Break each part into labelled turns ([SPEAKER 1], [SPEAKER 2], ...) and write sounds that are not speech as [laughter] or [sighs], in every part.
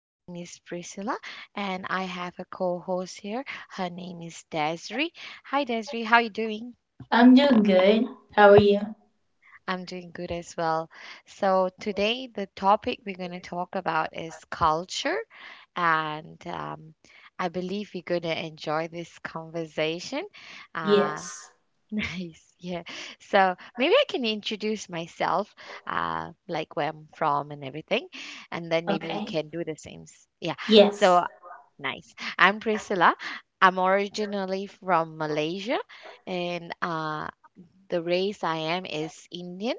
[SPEAKER 1] My name is Priscilla and I have a co-host here. Her name is Desiree. Hi Desiree, how are you doing?
[SPEAKER 2] I'm doing good. How are you?
[SPEAKER 1] I'm doing good as well. So today the topic we're going to talk about is culture and I believe we're going to enjoy this conversation. Um,
[SPEAKER 2] Yes.
[SPEAKER 1] [laughs] nice. Yeah. So maybe I can introduce myself, like where I'm from and everything, and then maybe you
[SPEAKER 2] Okay.
[SPEAKER 1] can do the same. Yeah.
[SPEAKER 2] Yes.
[SPEAKER 1] So nice. I'm Priscilla. I'm originally from Malaysia, and the race I am is Indian.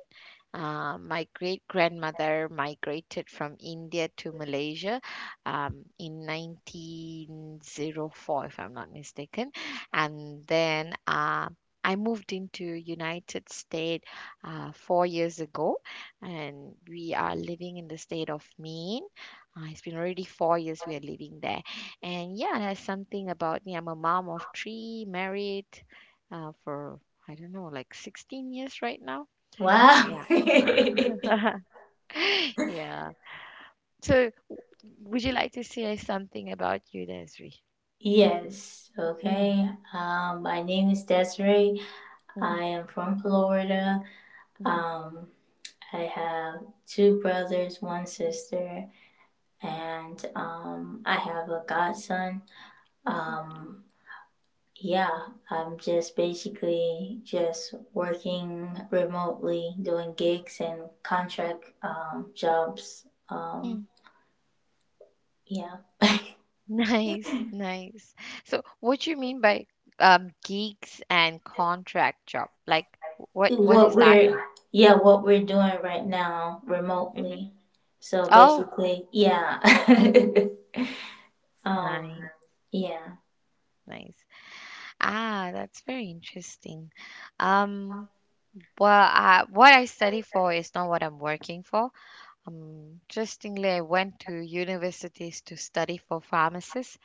[SPEAKER 1] My great grandmother migrated from India to Malaysia in 1904, if I'm not mistaken, and then I moved into United States 4 years ago, and we are living in the state of Maine. It's been already 4 years we are living there, and yeah, there's something about me. I'm a mom of three, married for I don't know, like 16 years right now.
[SPEAKER 2] Wow.
[SPEAKER 1] Yeah.
[SPEAKER 2] [laughs]
[SPEAKER 1] [laughs] [laughs] Yeah. So, would you like to say something about you, Desri?
[SPEAKER 2] Yes.
[SPEAKER 1] Mm,
[SPEAKER 2] Okay. My name is Desiree.
[SPEAKER 1] mhm,
[SPEAKER 2] I am from Florida.
[SPEAKER 1] mhm,
[SPEAKER 2] Um, I have two brothers, one sister, and I have a godson.
[SPEAKER 1] mhm.
[SPEAKER 2] Um, Yeah, I'm just basically just working remotely, doing gigs and contract jobs.
[SPEAKER 1] mm.
[SPEAKER 2] Yeah,
[SPEAKER 1] [laughs] Nice, nice. So, what you mean by gigs and contract job? Like, what
[SPEAKER 2] what
[SPEAKER 1] does that
[SPEAKER 2] we're
[SPEAKER 1] mean?
[SPEAKER 2] yeah what we're doing right now
[SPEAKER 1] Mhm.
[SPEAKER 2] remotely. So
[SPEAKER 1] Oh,
[SPEAKER 2] basically, yeah, [laughs] um,
[SPEAKER 1] nice,
[SPEAKER 2] yeah,
[SPEAKER 1] nice. Ah, that's very interesting. Um, well, what I study for is not what I'm working for. Interestingly, I went to universities to study for pharmacist.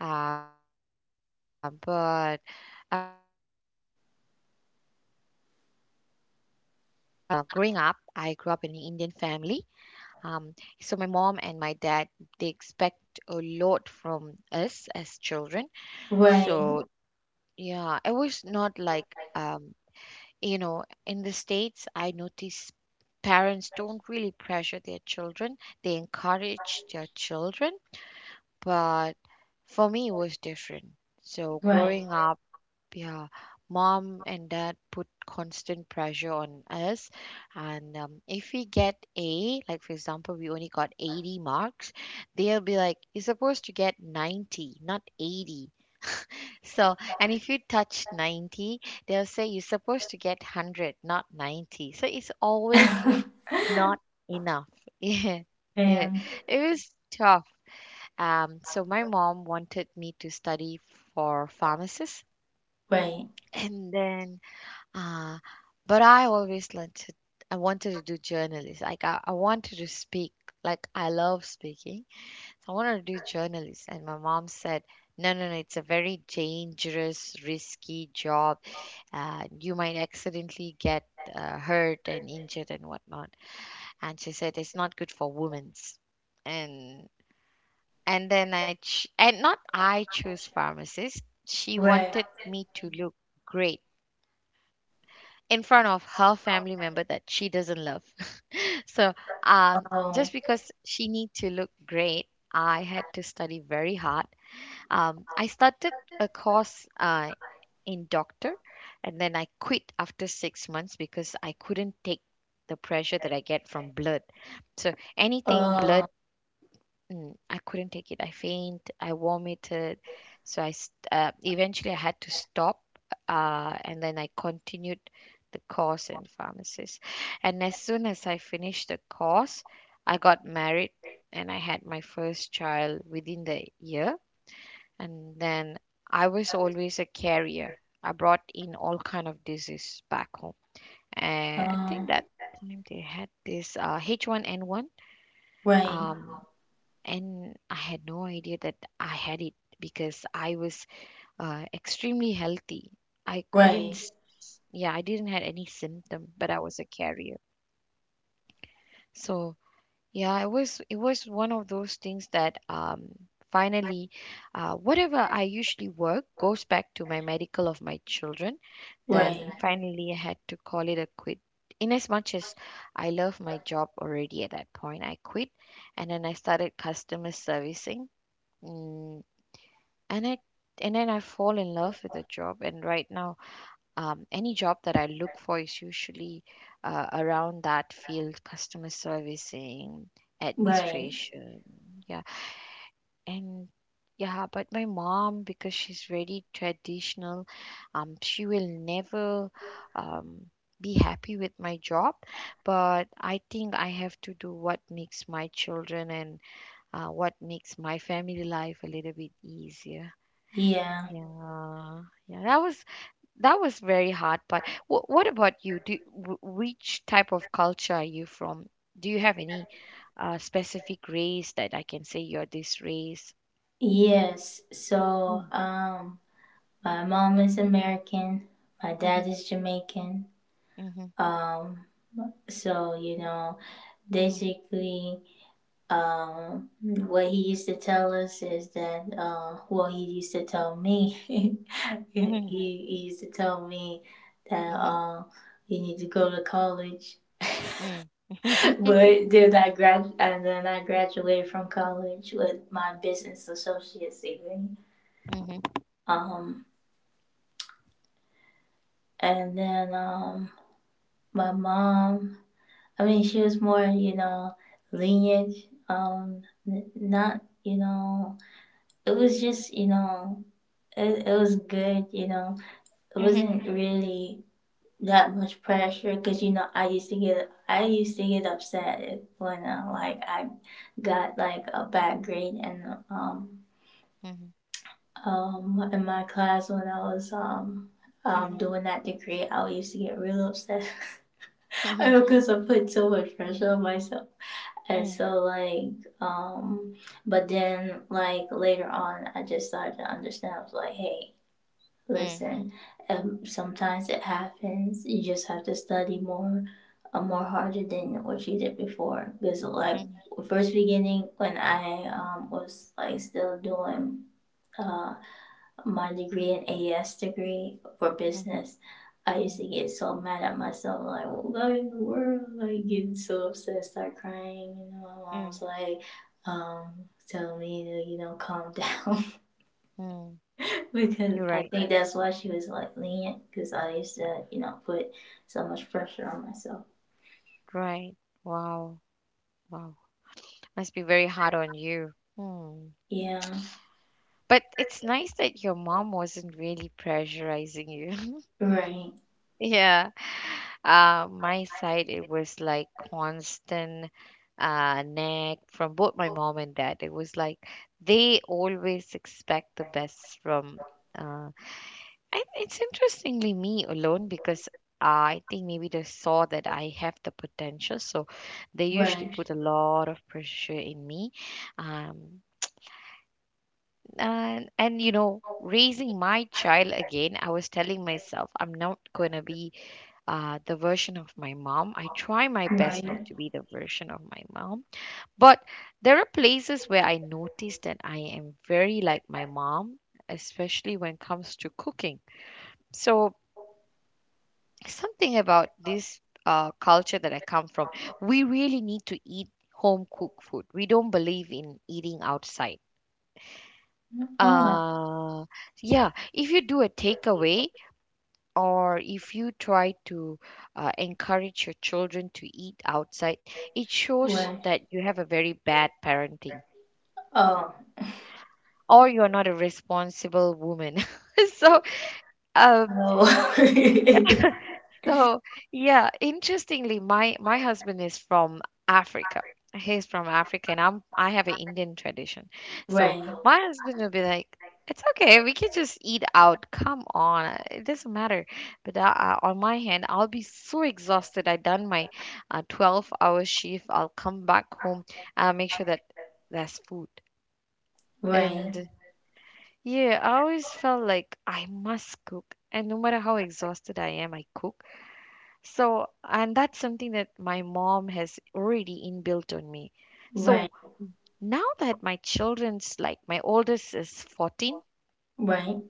[SPEAKER 1] But and that's because of the culture that I'm from. So, growing up, I grew up in an Indian family. Um, so my mom and my dad, they expect a lot from us as children.
[SPEAKER 2] right,
[SPEAKER 1] So yeah, it was not like you know, in the States, I noticed parents don't really pressure their children. They encourage their children, but for me it was different. So
[SPEAKER 2] right,
[SPEAKER 1] growing up, yeah, mom and dad put constant pressure on us, and if we get A, like for example, we only got 80 marks, they'll be like, "You're supposed to get 90, not 80." So, and if you touch 90, they'll say you're supposed to get 100, not 90. So it's always
[SPEAKER 2] [laughs]
[SPEAKER 1] not enough. [laughs] Yeah, yeah,
[SPEAKER 2] and
[SPEAKER 1] it was tough. So my mom wanted me to study for pharmacist,
[SPEAKER 2] right,
[SPEAKER 1] and then, uh, but I always wanted. I wanted to do journalist. Like I wanted to speak. Like I love speaking, so I wanted to do journalist. And my mom said, "No, no, no. It's a very dangerous, risky job. You might accidentally get hurt and injured and whatnot." And she said, "It's not good for women's." And And then I ch- and not I chose pharmacist. She
[SPEAKER 2] right,
[SPEAKER 1] wanted me to look great in front of her family member that she doesn't love. [laughs] So um,
[SPEAKER 2] oh,
[SPEAKER 1] just because she need to look great, I had to study very hard. I started a course in doctor, and then I quit after 6 months because I couldn't take the pressure that I get from blood. So anything
[SPEAKER 2] oh,
[SPEAKER 1] blood, mm, I couldn't take it. I faint. I vomited. So eventually I had to stop, and then I continued the course in pharmacist. And as soon as I finished the course, I got married and I had my first child within the year. And then I was always a carrier. I brought in all kind of disease back home. And I think
[SPEAKER 2] oh,
[SPEAKER 1] that time they had this H1N1.
[SPEAKER 2] right,
[SPEAKER 1] Um, and I had no idea that I had it because I was extremely healthy. I couldn't,
[SPEAKER 2] right,
[SPEAKER 1] s- yeah, I didn't had any symptom, but I was a carrier. So yeah, it was one of those things that finally, whatever I usually work goes back to my medical of my children. Then
[SPEAKER 2] right,
[SPEAKER 1] finally, I had to call it a quit. In as much as I love my job already at that point, I quit and then I started customer servicing. Mm, and it and then I fall in love with a job. And right now, any job that I look for is usually around that field, customer servicing,
[SPEAKER 2] right.
[SPEAKER 1] administration, yeah, and yeah. But my mom, because she's very traditional, she will never um, be happy with my job. But I think I have to do what makes my children and what makes my family life a little bit easier.
[SPEAKER 2] Yeah.
[SPEAKER 1] Yeah, yeah, that was very hard. But what about you? Which type of culture are you from? Do you have any specific race that I can say you're this race?
[SPEAKER 2] Yes. So,
[SPEAKER 1] Mm,
[SPEAKER 2] my mom is American. My dad
[SPEAKER 1] mhm,
[SPEAKER 2] is Jamaican.
[SPEAKER 1] mhm,
[SPEAKER 2] Um, so you know,
[SPEAKER 1] mhm,
[SPEAKER 2] basically, what he used to tell us is that, well, he used to tell me. [laughs] he,
[SPEAKER 1] mhm,
[SPEAKER 2] he used to tell me that,
[SPEAKER 1] mhm,
[SPEAKER 2] you need to go to college. [laughs]
[SPEAKER 1] mm, mhm,
[SPEAKER 2] but then I grad and then I graduated from college with my business associate's degree.
[SPEAKER 1] mhm,
[SPEAKER 2] Um, And then my mom, I mean, she was more, you know, lenient. Not, you know, it was just, you know, it was good, you know. It
[SPEAKER 1] mhm,
[SPEAKER 2] wasn't really that much pressure because, you know, I used to get upset when, like, I got, like, a bad grade and, um,
[SPEAKER 1] mhm,
[SPEAKER 2] in my class when I was,
[SPEAKER 1] mhm, mhm,
[SPEAKER 2] doing that degree, I used to get real upset. [laughs] I
[SPEAKER 1] mm,
[SPEAKER 2] know because I put so much pressure on myself. And
[SPEAKER 1] mm,
[SPEAKER 2] so but then like later on I just started to understand. I was like, hey,
[SPEAKER 1] mhm,
[SPEAKER 2] listen, sometimes it happens. You just have to study more more
[SPEAKER 1] mhm,
[SPEAKER 2] harder than what you did before. Because like first beginning when I was like still doing uh my degree an AS degree for
[SPEAKER 1] mhm,
[SPEAKER 2] business, I used
[SPEAKER 1] mhm,
[SPEAKER 2] to get so mad at myself, like, what in the world? Like, getting so upset, start crying. You know, my
[SPEAKER 1] mm,
[SPEAKER 2] mom's like, telling me to, you know, calm down.
[SPEAKER 1] mm.
[SPEAKER 2] [laughs] because
[SPEAKER 1] You're
[SPEAKER 2] I
[SPEAKER 1] right.
[SPEAKER 2] think that's why she was like lenient, because I used to, you know, put so much pressure on myself.
[SPEAKER 1] Right. Wow. Wow. Must be very hard on you. Hmm.
[SPEAKER 2] Yeah.
[SPEAKER 1] But it's nice that your mom wasn't really pressurizing you. [laughs]
[SPEAKER 2] Right.
[SPEAKER 1] Yeah. My side, it was like constant nag from both my mom and dad. It was like they always expect the best from. Uh, and it's interestingly me alone because I think maybe they saw that I have the potential, so they usually
[SPEAKER 2] Right.
[SPEAKER 1] put a lot of pressure in me. Um, and you know, raising my child again, I was telling myself I'm not going to be the version of my mom. I try my best not
[SPEAKER 2] Right.
[SPEAKER 1] to be the version of my mom, but there are places where I notice that I am very like my mom, especially when it comes to cooking. So something about this culture that I come from, we really need to eat home cooked food. We don't believe in eating outside.
[SPEAKER 2] Oh,
[SPEAKER 1] uh yeah, if you do a takeaway or if you try to encourage your children to eat outside, it shows
[SPEAKER 2] right.
[SPEAKER 1] that you have a very bad parenting
[SPEAKER 2] Oh,
[SPEAKER 1] or you're not a responsible woman. [laughs] so, uh,
[SPEAKER 2] hello. [laughs]
[SPEAKER 1] So, yeah, interestingly, my husband is from Africa. He's from Africa, and I have an Indian tradition. So
[SPEAKER 2] right.
[SPEAKER 1] my husband will be like, "It's okay, we can just eat out. Come on, it doesn't matter." But on my hand, I'll be so exhausted. I done my 12-hour shift. I'll come back home. I'll make sure that there's food.
[SPEAKER 2] Right.
[SPEAKER 1] And yeah, I always felt like I must cook, and no matter how exhausted I am, I cook. So, and that's something that my mom has already inbuilt on me. So
[SPEAKER 2] rain,
[SPEAKER 1] now that my children's like my oldest is 14,
[SPEAKER 2] rain,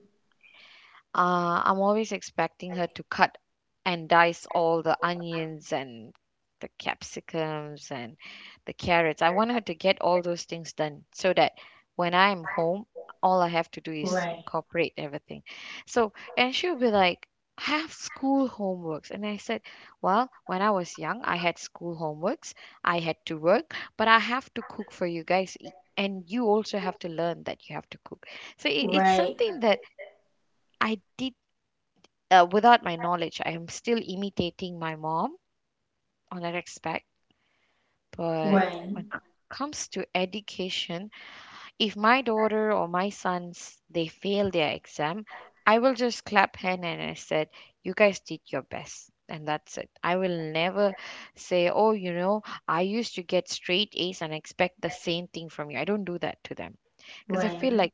[SPEAKER 1] I'm always expecting her to cut and dice all the onions and the capsicums and the carrots. I want her to get all those things done so that when I'm home, all I have to do is
[SPEAKER 2] rain,
[SPEAKER 1] incorporate everything. So, and she'll be like, have school homeworks. And I said, well, when I was young, I had school homeworks. I had to work, but I have to cook for you guys. And you also have to learn that you have to cook. So it's
[SPEAKER 2] rain,
[SPEAKER 1] something that I did. Without my knowledge, I am still imitating my mom on that aspect. But when
[SPEAKER 2] rain,
[SPEAKER 1] it comes to education, if my daughter or my sons they fail their exam, I will just clap hand and I said, "You guys did your best." And that's it. I will never say, oh, you know, I used to get straight A's and expect the same thing from you. I don't do that to them, because I feel
[SPEAKER 2] rain,
[SPEAKER 1] like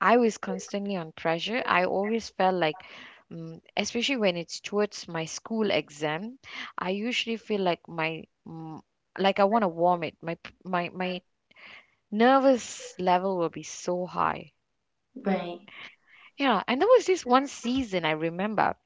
[SPEAKER 1] I was constantly on pressure. I always felt like, mm, especially when it's towards my school exam, I usually feel like my, mm, like I want to vomit. My p- my nervous level will be so high.
[SPEAKER 2] rain,
[SPEAKER 1] Yeah, and there was this one season I remember.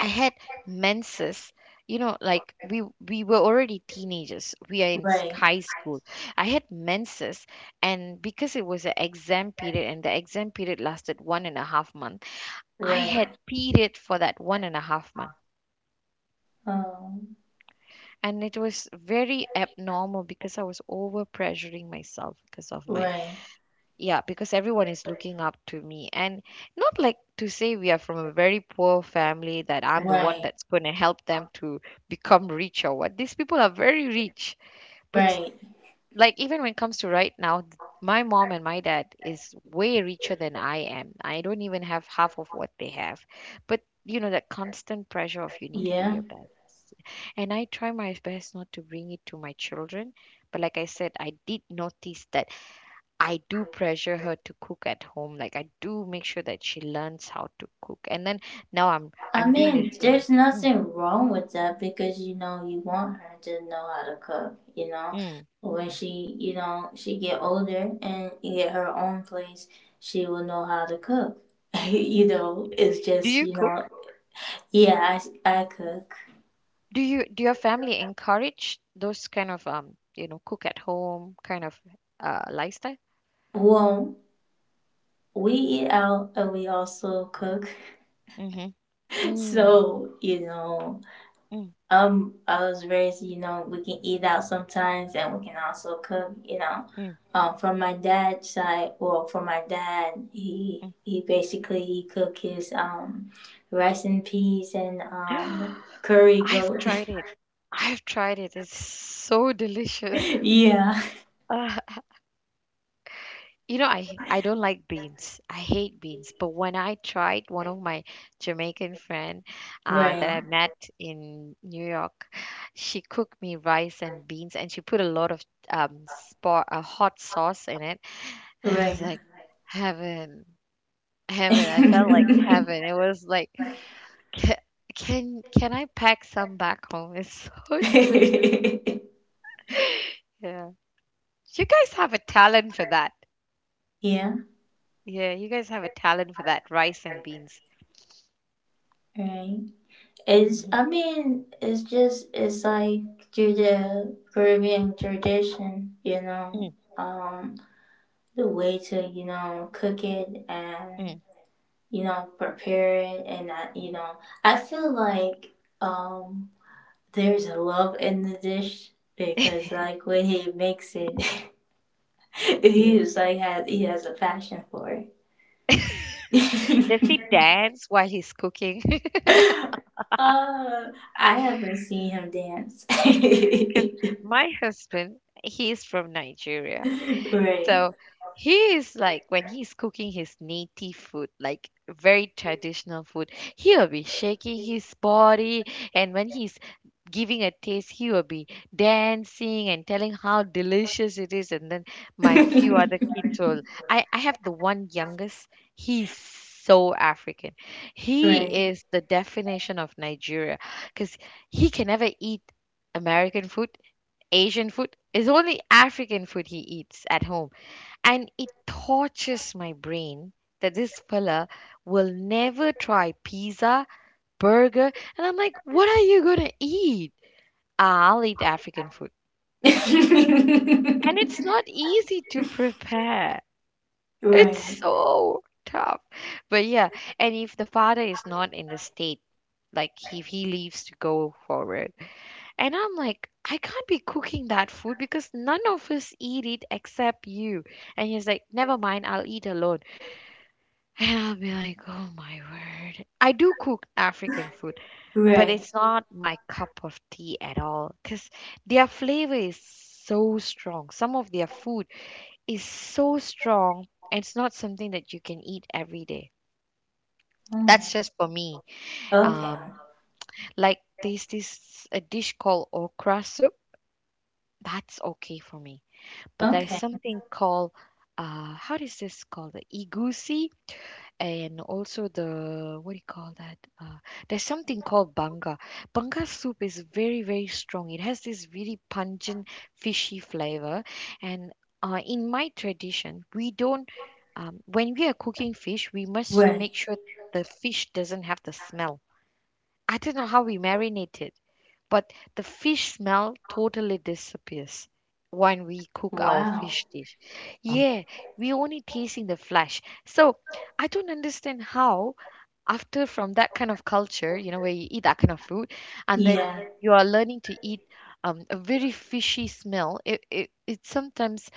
[SPEAKER 1] I had menses. You know, like we were already teenagers. We are in
[SPEAKER 2] rain,
[SPEAKER 1] high school. I had menses, and because it was an exam period, and the exam period lasted 1.5 months. I had
[SPEAKER 2] rain,
[SPEAKER 1] period for that 1.5 month.
[SPEAKER 2] um,
[SPEAKER 1] And it was very abnormal because I was over pressuring myself because of my,
[SPEAKER 2] rain,
[SPEAKER 1] yeah, because everyone is looking up to me. And not like to say we are from a very poor family that I'm the one
[SPEAKER 2] rain,
[SPEAKER 1] that's going to help them to become rich or what. These people are very rich, but
[SPEAKER 2] rain.
[SPEAKER 1] like even when it comes to right now, my mom and my dad is way richer than I am. I don't even have half of what they have, but you know that constant pressure of you need to do
[SPEAKER 2] Yeah.
[SPEAKER 1] your best. And I try my best not to bring it to my children, but like I said, I did notice that I do pressure her to cook at home. Like I do make sure that she learns how to cook, and then now i'm
[SPEAKER 2] I
[SPEAKER 1] i'm doing the
[SPEAKER 2] mean,
[SPEAKER 1] same.
[SPEAKER 2] there's
[SPEAKER 1] Mm,
[SPEAKER 2] nothing wrong with that because you know you want her to know how to cook. You know,
[SPEAKER 1] mm.
[SPEAKER 2] when she, you know, she get older and get her own place, she will know how to cook. [laughs] you know, it's
[SPEAKER 1] Do
[SPEAKER 2] just
[SPEAKER 1] you
[SPEAKER 2] you know,
[SPEAKER 1] cook?
[SPEAKER 2] yeah, I cook.
[SPEAKER 1] Do your family encourage those kind of cook at home kind of lifestyle?
[SPEAKER 2] Well, we eat out and we also cook. [laughs]
[SPEAKER 1] Mm-hmm. Mm,
[SPEAKER 2] So, you know,
[SPEAKER 1] mm,
[SPEAKER 2] I was raised, you know, we can eat out sometimes and we can also cook, you know.
[SPEAKER 1] mm,
[SPEAKER 2] From my dad's side, well, from my dad, he
[SPEAKER 1] mm.
[SPEAKER 2] he basically he cooked his rice and peas and
[SPEAKER 1] [gasps]
[SPEAKER 2] curry
[SPEAKER 1] I've
[SPEAKER 2] goat.
[SPEAKER 1] tried it. I've tried it. It's so delicious.
[SPEAKER 2] [laughs] yeah,
[SPEAKER 1] Uh, I don't like beans. I hate beans. But when I tried one of my Jamaican friend that I
[SPEAKER 2] right,
[SPEAKER 1] met in New York, she cooked me rice and beans, and she put a lot of hot sauce in it. [laughs] I was
[SPEAKER 2] right.
[SPEAKER 1] like, heaven, heaven. I felt like
[SPEAKER 2] [laughs]
[SPEAKER 1] heaven. It was like, can can I pack some back home? It's so [laughs] delicious.
[SPEAKER 2] [laughs]
[SPEAKER 1] Yeah. You guys have a talent for that.
[SPEAKER 2] yeah,
[SPEAKER 1] Yeah, you guys have a talent for that, rice and beans.
[SPEAKER 2] right. It's,
[SPEAKER 1] Mhm.
[SPEAKER 2] I mean, it's just, it's like through the Caribbean tradition, you know,
[SPEAKER 1] Mm,
[SPEAKER 2] um, the way to, you know, cook it and,
[SPEAKER 1] mm.
[SPEAKER 2] you know, prepare it. And, I, you know, I feel like, um, there's a love in the dish because, like, when he makes it, [laughs] he
[SPEAKER 1] Yeah.
[SPEAKER 2] was like, he has a passion for
[SPEAKER 1] [laughs] Does
[SPEAKER 2] it.
[SPEAKER 1] he
[SPEAKER 2] [laughs]
[SPEAKER 1] dance while he's cooking? [laughs]
[SPEAKER 2] uh, I haven't seen him dance.
[SPEAKER 1] Because
[SPEAKER 2] [laughs]
[SPEAKER 1] my husband, he's from Nigeria.
[SPEAKER 2] [laughs] Right.
[SPEAKER 1] So he is like, when he's cooking his native food, like very traditional food, he'll be shaking his body, and when he's giving a taste, he will be dancing and telling how delicious it is. And then my few other kids
[SPEAKER 2] [laughs]
[SPEAKER 1] will. I have the one youngest. He's so African. He
[SPEAKER 2] Right.
[SPEAKER 1] is the definition of Nigeria, because he can never eat American food, Asian food. It's only African food he eats at home, and it tortures my brain that this fella will never try pizza, burger, and I'm like, what are you gonna eat? "Ah, I'll eat African food." And it's not
[SPEAKER 2] [laughs]
[SPEAKER 1] easy to prepare. It's
[SPEAKER 2] Right.
[SPEAKER 1] so tough. But yeah, and if the father is not in the state, like if he leaves to go forward. And I'm like, I can't be cooking that food because none of us eat it except you. And he's like, never mind, I'll eat alone. And I'll be like, "Oh my word." I do cook African food, but
[SPEAKER 2] Right.
[SPEAKER 1] it's not my cup of tea at all. Cause their flavor is so strong. Some of their food is so strong, and it's not something that you can eat every day.
[SPEAKER 2] Oh,
[SPEAKER 1] That's just for me.
[SPEAKER 2] okay.
[SPEAKER 1] Um, like there's this a dish called okra soup. That's okay for me. But there's
[SPEAKER 2] Okay.
[SPEAKER 1] something called, how is this called? The igusi. And also the, what do you call that? There's something called banga. Banga soup is very very strong. It has this really pungent fishy flavor, and in my tradition, we don't. When we are cooking fish, we must
[SPEAKER 2] Right.
[SPEAKER 1] make sure the fish doesn't have the smell. I don't know how we marinate it. But the fish smell totally disappears when we cook our
[SPEAKER 2] Wow.
[SPEAKER 1] fish dish. Yeah, we only tasting the flesh. So I don't understand how, after from that kind of culture, where you eat that kind of food, and then
[SPEAKER 2] Yeah.
[SPEAKER 1] you are learning to eat a very fishy smell. It sometimes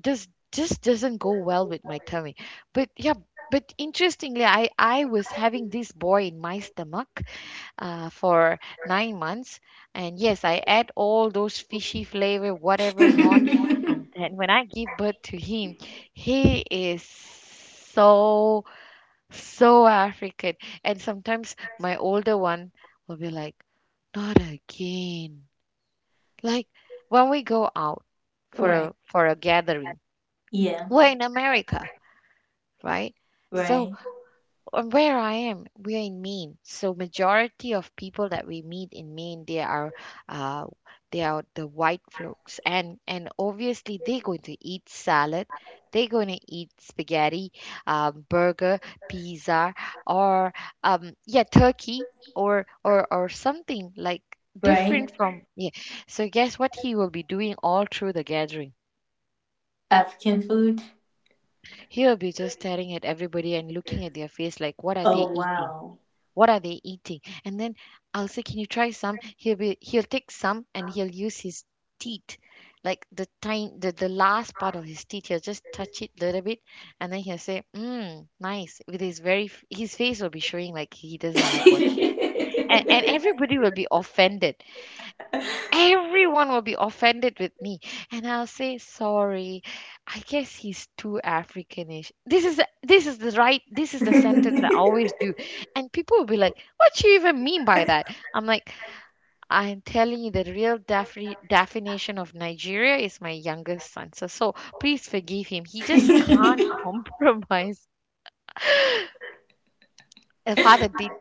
[SPEAKER 1] does just doesn't go well with my tummy. But yeah, but interestingly, I was having this boy in my stomach for 9 months. And yes, I add all those fishy flavor, whatever not.
[SPEAKER 2] [laughs]
[SPEAKER 1] And then when I give birth to him, he is so, so African. And sometimes my older one will be like, not again. Like when we go out for
[SPEAKER 2] Right.
[SPEAKER 1] a, for a gathering,
[SPEAKER 2] Yeah.
[SPEAKER 1] we're in America, right? So
[SPEAKER 2] Right.
[SPEAKER 1] And where I am, we're in Maine. So majority of people that we meet in Maine, uh, they are the white folks, and obviously they're going to eat salad, they're going to eat spaghetti, burger, pizza, or yeah, turkey, or something like different
[SPEAKER 2] Right.
[SPEAKER 1] from yeah. So guess what he will be doing all through the gathering?
[SPEAKER 2] African food.
[SPEAKER 1] He'll be just staring at everybody and looking at their face like, what are they
[SPEAKER 2] Oh,
[SPEAKER 1] eating?
[SPEAKER 2] wow.
[SPEAKER 1] What are they eating? And then I'll say, can you try some? He'll take some, and he'll use his teeth, like the last part of his teeth. He'll just touch it a little bit, and then he'll say, mm, nice, with his very his face will be showing like he doesn't like what. And
[SPEAKER 2] [laughs]
[SPEAKER 1] everybody will be offended. Everyone will be offended with me, and I'll say sorry. I guess he's too africanish. This is the sentence that I always do. And people will be like, what you even mean by that? I'm like, I'm telling you the real definition of Nigeria is my youngest son, so please forgive him. He just can't [laughs] compromise. The father did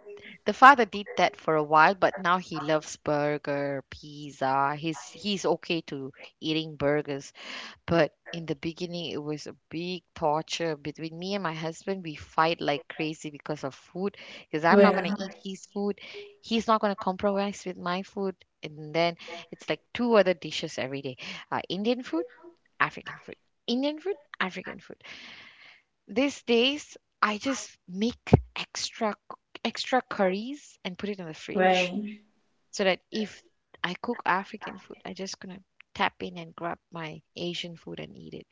[SPEAKER 1] the father did that for a while, but now he loves burger, pizza. He's okay to eating burgers, but in the beginning it was a big torture between me and my husband. We fight like crazy because of food, because I'm not gonna eat
[SPEAKER 2] Right.
[SPEAKER 1] his food, he's not gonna compromise with my food, and then it's like two other dishes every day: Indian food, African food, Indian food, African food. These days, I just make extra extra curries and put it in the fridge,
[SPEAKER 2] Right.
[SPEAKER 1] so that if I cook African food, I just gonna tap in and grab my Asian food and eat it.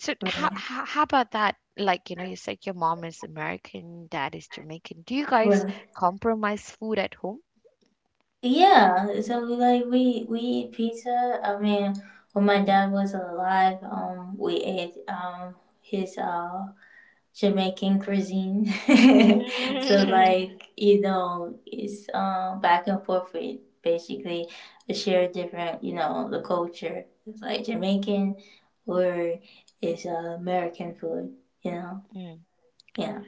[SPEAKER 1] So how
[SPEAKER 2] Right.
[SPEAKER 1] how, how about that? Like you said your mom is American, dad is Jamaican. Do you guys
[SPEAKER 2] Right.
[SPEAKER 1] compromise food at home?
[SPEAKER 2] Yeah, so we like we eat pizza. I mean, when my
[SPEAKER 1] Mm.
[SPEAKER 2] dad was alive, we ate his Jamaican cuisine. [laughs] so like
[SPEAKER 1] [laughs] Mm.
[SPEAKER 2] you know, it's back and forth with basically a share different you know the culture. It's like Jamaican or it's American food. You know,
[SPEAKER 1] Mm.
[SPEAKER 2] yeah.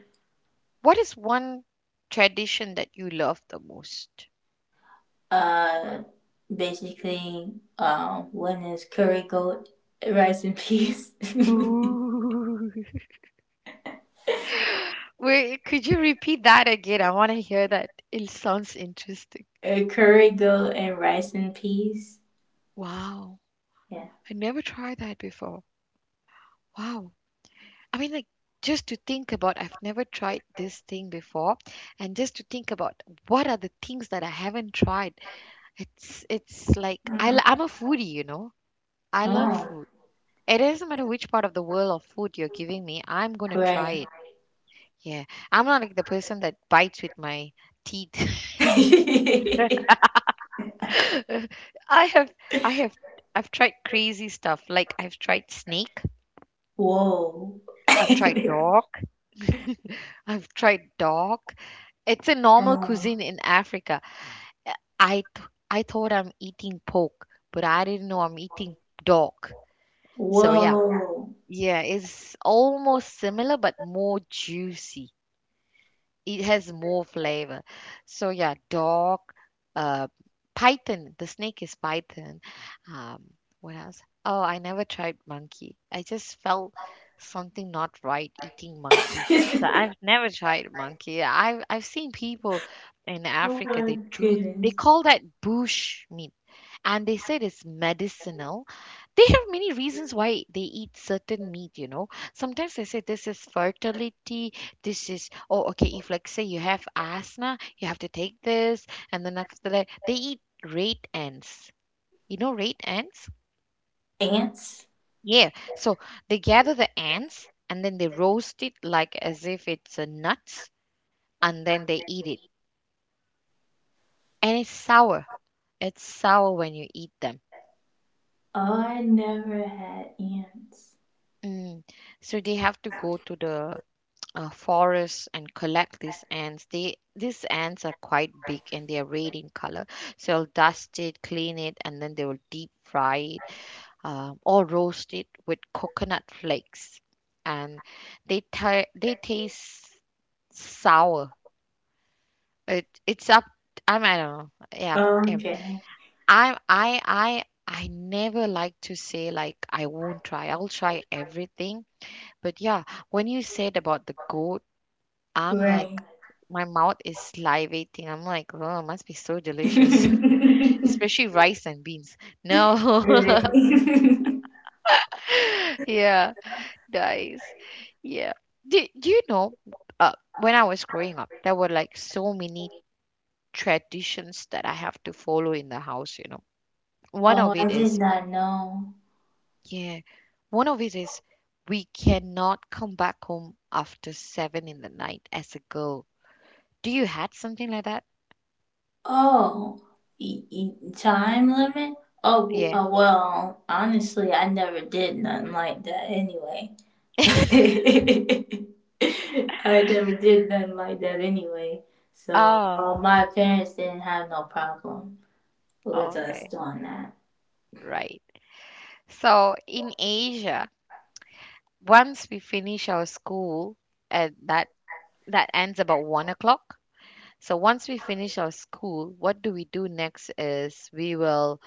[SPEAKER 1] What is one tradition that you love the most?
[SPEAKER 2] Uh, basically, one is curry goat, rice and peas. [laughs]
[SPEAKER 1] Wait, could you repeat that again? I want to hear that. It sounds interesting.
[SPEAKER 2] Curry goat and rice and peas.
[SPEAKER 1] Wow.
[SPEAKER 2] Yeah.
[SPEAKER 1] I never tried that before. Wow. I mean, like, just to think about, I've never tried this thing before, and just to think about what are the things that I haven't tried. It's like
[SPEAKER 2] Mm.
[SPEAKER 1] I'm a foodie, you know. I love
[SPEAKER 2] Oh,
[SPEAKER 1] food. It doesn't matter which part of the world of food you're giving me, I'm gonna try
[SPEAKER 2] right.
[SPEAKER 1] it. Yeah, I'm not like the person that bites with my teeth. [laughs] and
[SPEAKER 2] [laughs]
[SPEAKER 1] [laughs] I have I have I've tried crazy stuff. Like I've tried snake,
[SPEAKER 2] Whoa. [laughs]
[SPEAKER 1] I've tried dog, I've tried dog. It's a normal
[SPEAKER 2] oh,
[SPEAKER 1] cuisine in Africa. Uh, I thought I'm eating pork, but I didn't know I'm eating dog. So yeah.
[SPEAKER 2] whoa.
[SPEAKER 1] Yeah, it's almost similar but more juicy. It has more flavor. So yeah, dog, uh, python. The snake is python. Um, what else? Oh, I never tried monkey. I just felt something not right eating monkey.
[SPEAKER 2] [laughs] oh
[SPEAKER 1] So I've never tried monkey. I've seen people in Africa.
[SPEAKER 2] my
[SPEAKER 1] They do. They
[SPEAKER 2] goodness.
[SPEAKER 1] call that bush meat, and they said it's medicinal. They have many reasons why they eat certain meat. Sometimes they say this is fertility, this is, oh, okay, if like say you have asthma you have to take this. And then after that they eat rate ants, rate ants.
[SPEAKER 2] Ants?
[SPEAKER 1] Yeah, so they gather the ants and then they roast it like as if it's a nuts, and then they eat it, and it's sour. It's sour when you eat them.
[SPEAKER 2] Oh, I never had ants.
[SPEAKER 1] Mm. So they have to go to the forests and collect these ants. They these ants are quite big and they are red in color. So I'll dust it, clean it, and then they will deep fry it, or roast it with coconut flakes, and they taste sour. It's up. I mean, I don't know. Yeah, um,
[SPEAKER 2] Okay.
[SPEAKER 1] I never like to say like I won't try. I'll try everything. But yeah, when you said about the goat, I'm like
[SPEAKER 2] Right.
[SPEAKER 1] my mouth is salivating. I'm like, "Oh, it must be so delicious."
[SPEAKER 2] [laughs]
[SPEAKER 1] [laughs] Especially rice and beans. No. [laughs]
[SPEAKER 2] right. [laughs]
[SPEAKER 1] Yeah, nice. Yeah. Do you know, when I was growing up, there were like so many traditions that I have to follow in the house, you know. One
[SPEAKER 2] Oh,
[SPEAKER 1] of
[SPEAKER 2] I
[SPEAKER 1] it
[SPEAKER 2] did
[SPEAKER 1] is,
[SPEAKER 2] not know.
[SPEAKER 1] yeah, one of it is we cannot come back home after 7 in the night as a girl. Do you had something like that?
[SPEAKER 2] Oh, time limit? Oh,
[SPEAKER 1] Yeah.
[SPEAKER 2] well, honestly, I never did nothing like that anyway. [laughs] I never did nothing like that anyway. So,
[SPEAKER 1] Oh,
[SPEAKER 2] my parents didn't have no problem with us
[SPEAKER 1] okay.
[SPEAKER 2] doing that.
[SPEAKER 1] Right. So in Asia, once we finish our school, uh, that that ends about 1 o'clock. So once we finish our school, what do we do next is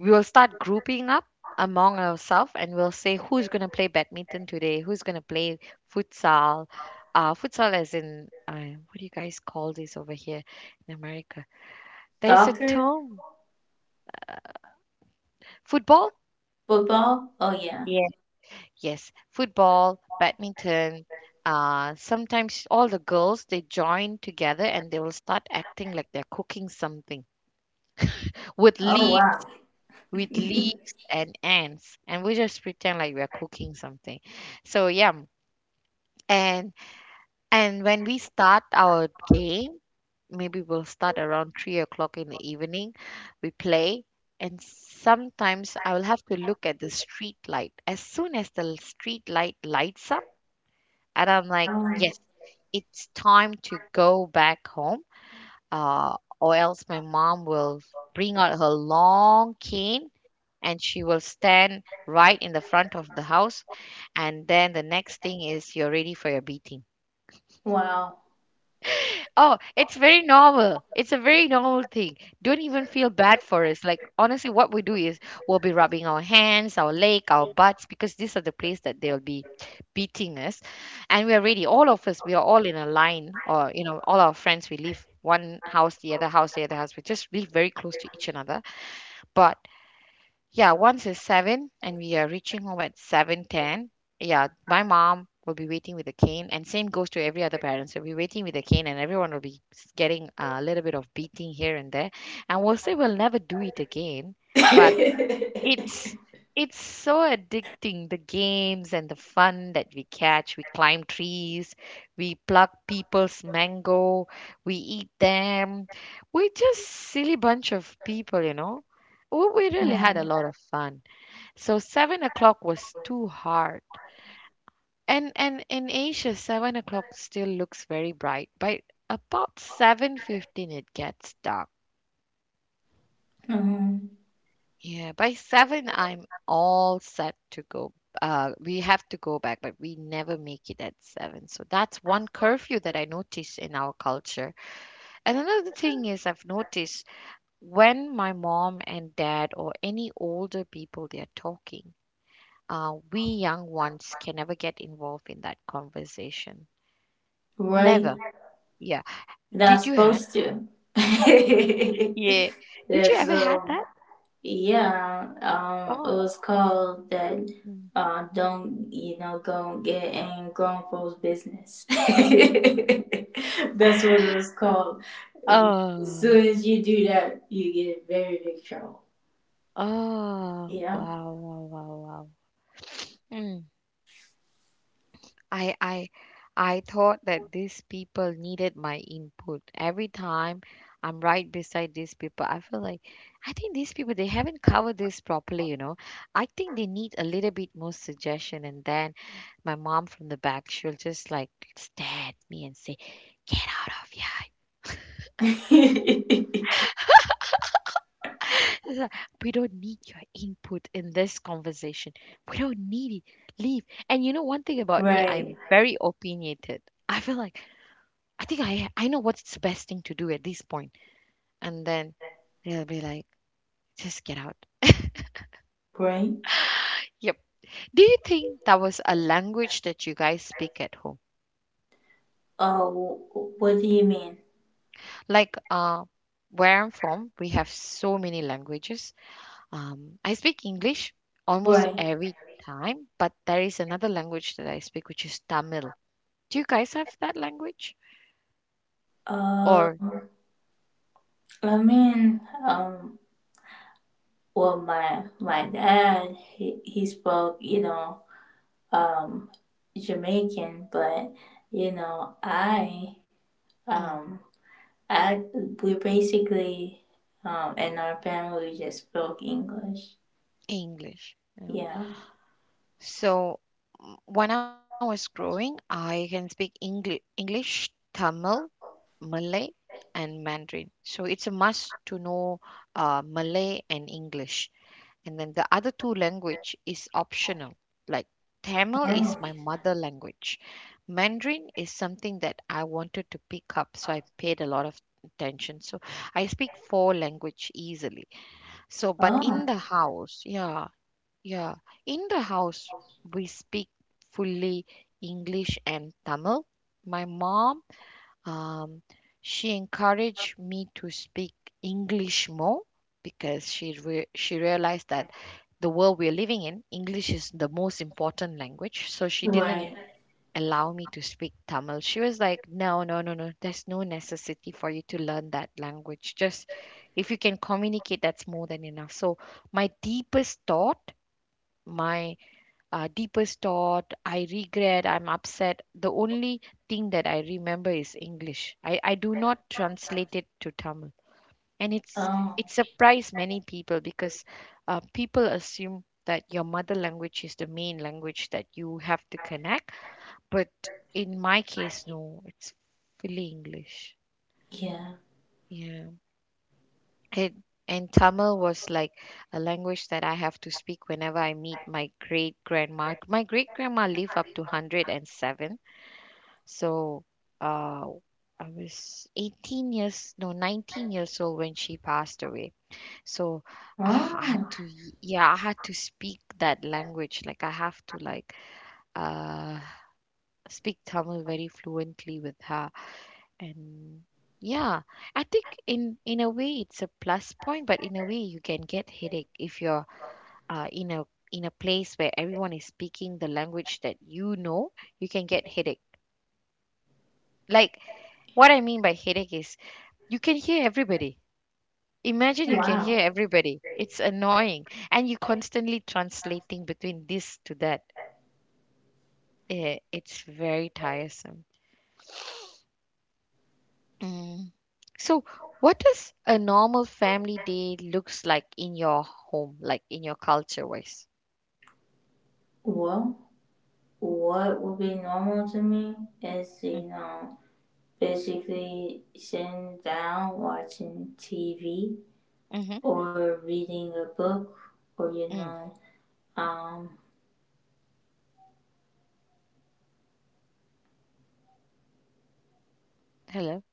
[SPEAKER 1] we will start grouping up among ourselves, and we'll say who's going to play badminton today, who's going to play futsal. Futsal as in, what do you guys call this over here in America? There's a
[SPEAKER 2] Soccer?
[SPEAKER 1] term, football.
[SPEAKER 2] Football? Oh, yeah.
[SPEAKER 1] Yes, football, badminton. Sometimes all the girls they join together and they will start acting like they're cooking something with
[SPEAKER 2] Oh,
[SPEAKER 1] leaves,
[SPEAKER 2] wow.
[SPEAKER 1] with leaves,
[SPEAKER 2] [laughs]
[SPEAKER 1] and ants, and we just pretend like we're cooking something. So yeah, and and when we start our game, maybe we'll start around 3 o'clock in the evening. We play, and sometimes I will have to look at the street light. As soon as the street light lights up, and I'm like,
[SPEAKER 2] Oh,
[SPEAKER 1] yes, it's time to go back home, or else my mom will bring out her long cane and she will stand right in the front of the house. And then the next thing is you're ready for your beating.
[SPEAKER 2] wow.
[SPEAKER 1] Oh, it's very normal. It's a very normal thing. Don't even feel bad for us. Like honestly, what we do is we'll be rubbing our hands, our leg, our butts, because these are the place that they'll be beating us. And we are ready. All of us, we are all in a line, or all our friends, we live one house, the other house, the other house. We just live very close to each another. But yeah, once is seven, and we are reaching home at 7:10. Yeah, my mom will be waiting with a cane, and same goes to every other parent. So we're waiting with a cane, and everyone will be getting a little bit of beating here and there. And we'll say we'll never do it again, but
[SPEAKER 2] [laughs]
[SPEAKER 1] it's it's so addicting, the games and the fun that we catch. We climb trees, we pluck people's mango, we eat them. We're just silly bunch of people. We really had a lot of fun. So 7 o'clock was too hard. And in Asia, 7 o'clock still looks very bright, but about 7:15 it gets dark.
[SPEAKER 2] Mhm.
[SPEAKER 1] Yeah, by seven, I'm all set to go. We have to go back, but we never make it at seven. So that's one curfew that I noticed in our culture. And another thing is, I've noticed when my mom and dad or any older people they are talking, we young ones can never get involved in that conversation.
[SPEAKER 2] Right?
[SPEAKER 1] Never. Yeah.
[SPEAKER 2] They're
[SPEAKER 1] Did you had?
[SPEAKER 2] supposed to. [laughs]
[SPEAKER 1] Yeah. Did you
[SPEAKER 2] There's
[SPEAKER 1] ever had
[SPEAKER 2] um
[SPEAKER 1] that?
[SPEAKER 2] yeah, it
[SPEAKER 1] Oh.
[SPEAKER 2] was called that
[SPEAKER 1] Mm.
[SPEAKER 2] don't you know go get in grown folks business. [laughs] That's what it was
[SPEAKER 1] [laughs]
[SPEAKER 2] called. As
[SPEAKER 1] Oh.
[SPEAKER 2] soon as you do that you get in very big trouble.
[SPEAKER 1] Oh,
[SPEAKER 2] Yeah.
[SPEAKER 1] wow, wow, wow, wow. Mm, I, I, I thought that these people needed my input. Every time I'm right beside these people, I feel like I think these people they haven't covered this properly. I think they need a little bit more suggestion, and then my mom from the back, she'll just like stare at me and say, "Get out of here!
[SPEAKER 2] [laughs]
[SPEAKER 1] It's like, we don't need your input in this conversation. We don't need it. Leave. And you know one thing about me,
[SPEAKER 2] right.
[SPEAKER 1] I'm very opinionated. I feel like I think I know what's the best thing to do at this point. And then they'll be like, just get out.
[SPEAKER 2] Right.
[SPEAKER 1] Yep. Do you think that was a language that you guys speak at home?
[SPEAKER 2] Uh, what do you mean?
[SPEAKER 1] Like where I'm from, we have so many languages. I speak English almost
[SPEAKER 2] Right.
[SPEAKER 1] every time, but there is another language that I speak which is Tamil. Do you guys have that language or
[SPEAKER 2] Um. I mean um well my dad he spoke you know um jamaican but you know
[SPEAKER 1] mm,
[SPEAKER 2] um I we basically in our family we just spoke english
[SPEAKER 1] English? You.
[SPEAKER 2] yeah
[SPEAKER 1] So. When I was growing, I can speak English, English, Tamil, Malay, and Mandarin. So it's a must to know Malay and English. And then the other two language is optional. Like Tamil
[SPEAKER 2] oh
[SPEAKER 1] is my mother language. Mandarin is something that I wanted to pick up, so I paid a lot of attention. So I speak four language easily. So, but in the
[SPEAKER 2] oh
[SPEAKER 1] house, yeah, yeah, in the house, we speak fully English and Tamil. My mom, um, she encouraged me to speak English more because she realized that the world we're living in, English is the most important language. So she didn't
[SPEAKER 2] right
[SPEAKER 1] allow me to speak Tamil. She was like, No, no, no, no. There's no necessity for you to learn that language. Just if you can communicate, that's more than enough. So, my deepest thought, my deepest thought, I regret, I'm upset. The only thing that I remember is English. I do not translate it to Tamil. And it's
[SPEAKER 2] oh
[SPEAKER 1] it surprised many people because people assume that your mother language is the main language that you have to connect, but in my case, no, it's fully English.
[SPEAKER 2] yeah
[SPEAKER 1] Yeah. It, and Tamil was like a language that I have to speak whenever I meet my great grandma. My great grandma lived up to 107. So uh, I was 18 years, no, 19 years old when she passed away. So I had
[SPEAKER 2] oh
[SPEAKER 1] to, yeah, I had to speak that language. Like I have to like uh, speak Tamil very fluently with her. And yeah, I think in a way it's a plus point, but in a way you can get headache if you're uh, in a in a place where everyone is speaking the language that you know, you can get headache. Like what I mean by headache is you can hear everybody. Imagine you can
[SPEAKER 2] wow
[SPEAKER 1] hear everybody, it's annoying, and you constantly translating between this to that. It's very tiresome. Mm. So, what does a normal family day looks like in your home, like in your culture wise?
[SPEAKER 2] well what would be normal to me is
[SPEAKER 1] Mm.
[SPEAKER 2] you know basically sitting down watching tv
[SPEAKER 1] Hmm.
[SPEAKER 2] or reading a book or you
[SPEAKER 1] Mm.
[SPEAKER 2] know um
[SPEAKER 1] Hello.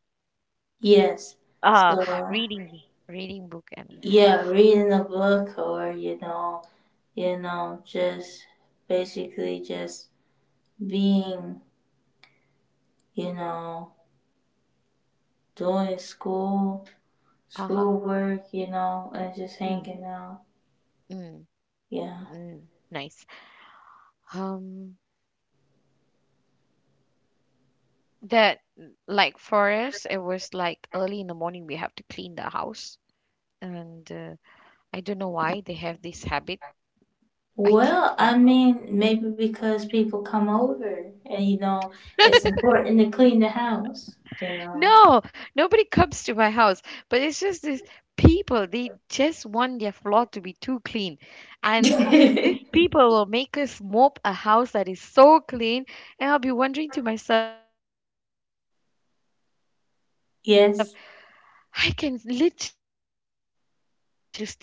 [SPEAKER 2] yes
[SPEAKER 1] Uh
[SPEAKER 2] so
[SPEAKER 1] reading, reading book and.
[SPEAKER 2] yeah reading a book or you know just basically just being you know doing
[SPEAKER 1] Uh huh.
[SPEAKER 2] schoolwork you know and just
[SPEAKER 1] Mm.
[SPEAKER 2] hanging out
[SPEAKER 1] Mm.
[SPEAKER 2] yeah
[SPEAKER 1] Mm. Nice. Um, that, like for us, it was like early in the morning we have to clean the house, and I don't know why they have this habit. I think.
[SPEAKER 2] well I mean maybe because people come over and you know it's important to clean the house you know
[SPEAKER 1] No, nobody comes to my house, but it's just these people, they just want their floor to be too clean. And these people will make us mop a house that is so clean, and I'll be wondering to myself, I can literally
[SPEAKER 2] [laughs]
[SPEAKER 1] put all
[SPEAKER 2] yes
[SPEAKER 1] my food on the floor and eat, and why are you asking me to still mop that place?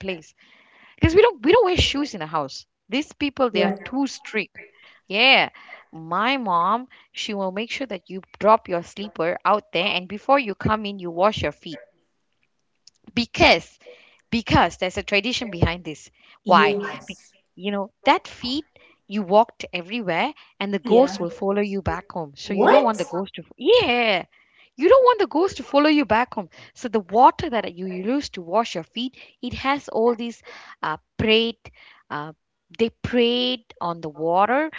[SPEAKER 1] Because we don't wear shoes in the house. These people, they are
[SPEAKER 2] Right.
[SPEAKER 1] too strict. Yeah, my mom, she will make sure that you drop your sleeper out there and before you come in, you wash your feet. Because, because there's a tradition behind this. Why? Be-
[SPEAKER 2] Yes.
[SPEAKER 1] you know, that feet, you walked everywhere, and the ghost
[SPEAKER 2] Yeah.
[SPEAKER 1] will follow you back home. So you don't want
[SPEAKER 2] What?
[SPEAKER 1] the ghost to, yeah, you don't want the ghost to follow you back home. So the water that you use to wash your feet, it has all these uh, prayed, uh, they prayed on the water,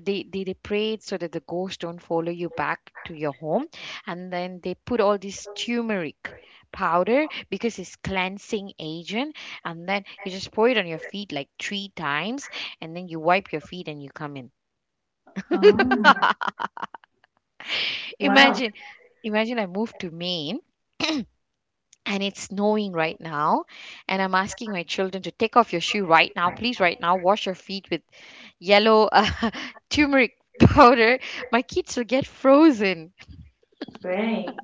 [SPEAKER 1] they pray so that the ghosts don't follow you back to your home, and then they put all this turmeric powder because it's cleansing agent, and then you just pour it on your feet like three times, and then you wipe your feet and you come in.
[SPEAKER 2] Oh, wow.
[SPEAKER 1] Imagine imagine I moved to Maine, and it's snowing right now, and I'm asking my children to take off your shoe right now, please, right now, wash your feet with yellow [laughs] turmeric powder. My kids will get frozen.
[SPEAKER 2] Right.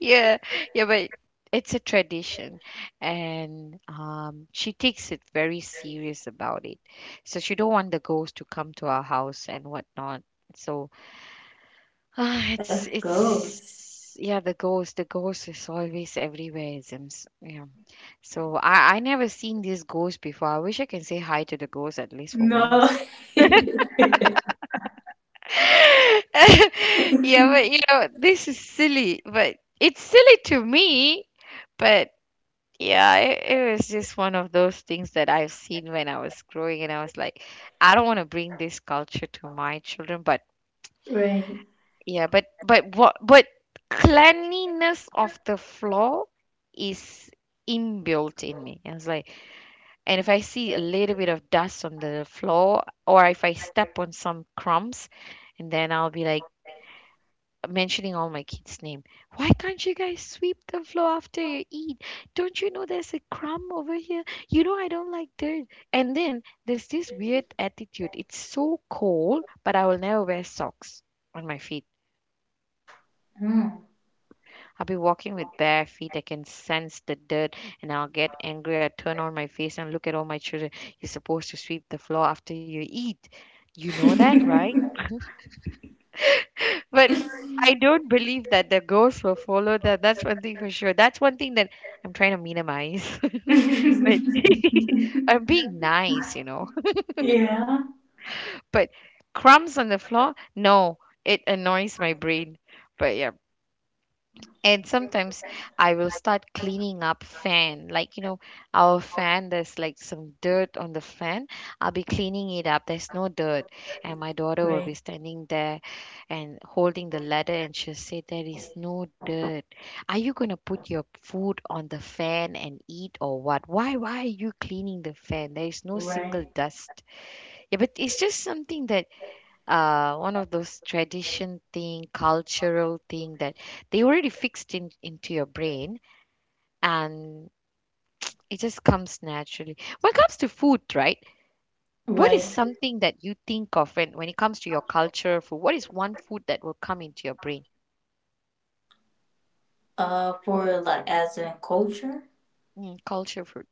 [SPEAKER 1] Yeah, yeah, but it's a tradition, and she takes it very serious about it. So she don't want the ghost to come to our house and whatnot. So, [sighs]
[SPEAKER 2] A
[SPEAKER 1] it's
[SPEAKER 2] ghost.
[SPEAKER 1] it's yeah, the ghost is always everywhere. It's, yeah, so I never seen this ghost before. I wish I can say hi to the ghost at least for
[SPEAKER 2] No.
[SPEAKER 1] once.
[SPEAKER 2] [laughs]
[SPEAKER 1] [laughs] Yeah, but you know this is silly, but it's silly to me. But. Yeah, it was just one of those things that I've seen when I was growing, and I was like, I don't want to bring this culture to my children, but
[SPEAKER 2] right.
[SPEAKER 1] yeah, but cleanliness of the floor is inbuilt in me. I was like, and if I see a little bit of dust on the floor, or if I step on some crumbs, and then I'll be like, mentioning all my kids' name. Why can't you guys sweep the floor after you eat? Don't you know there's a crumb over here? You know I don't like dirt. And then there's this weird attitude. It's so cold, but I will never wear socks on my feet.
[SPEAKER 2] Hmm.
[SPEAKER 1] I'll be walking with bare feet. I can sense the dirt and I'll get angry. I turn on my face and look at all my children. You're supposed to sweep the floor after you eat. You know that, right?
[SPEAKER 2] [laughs]
[SPEAKER 1] But I don't believe that the ghosts will follow them. That's one thing for sure. That's one thing that I'm trying to minimize. [laughs] But [laughs] I'm being nice.
[SPEAKER 2] yeah.
[SPEAKER 1] [laughs] But crumbs on the floor, no, it annoys my brain. But yeah, and sometimes I will start cleaning up fan, like, our fan there's like some dirt on the fan. I'll be cleaning it up, there's no dirt, and my daughter will be
[SPEAKER 2] Right.
[SPEAKER 1] standing there and holding the ladder, and she'll say there is no dirt. Are you going to put your food on the fan and eat, or what? Why are you cleaning the fan? There is no single
[SPEAKER 2] Right.
[SPEAKER 1] dust. Yeah, but it's just something that one of those tradition thing, cultural thing that they already fixed in into your brain, and it just comes naturally. When it comes to food, right? What is
[SPEAKER 2] Right.
[SPEAKER 1] something that you think of when it comes to your culture food? What is one food that will come into your brain?
[SPEAKER 2] For like as in culture,
[SPEAKER 1] Culture food,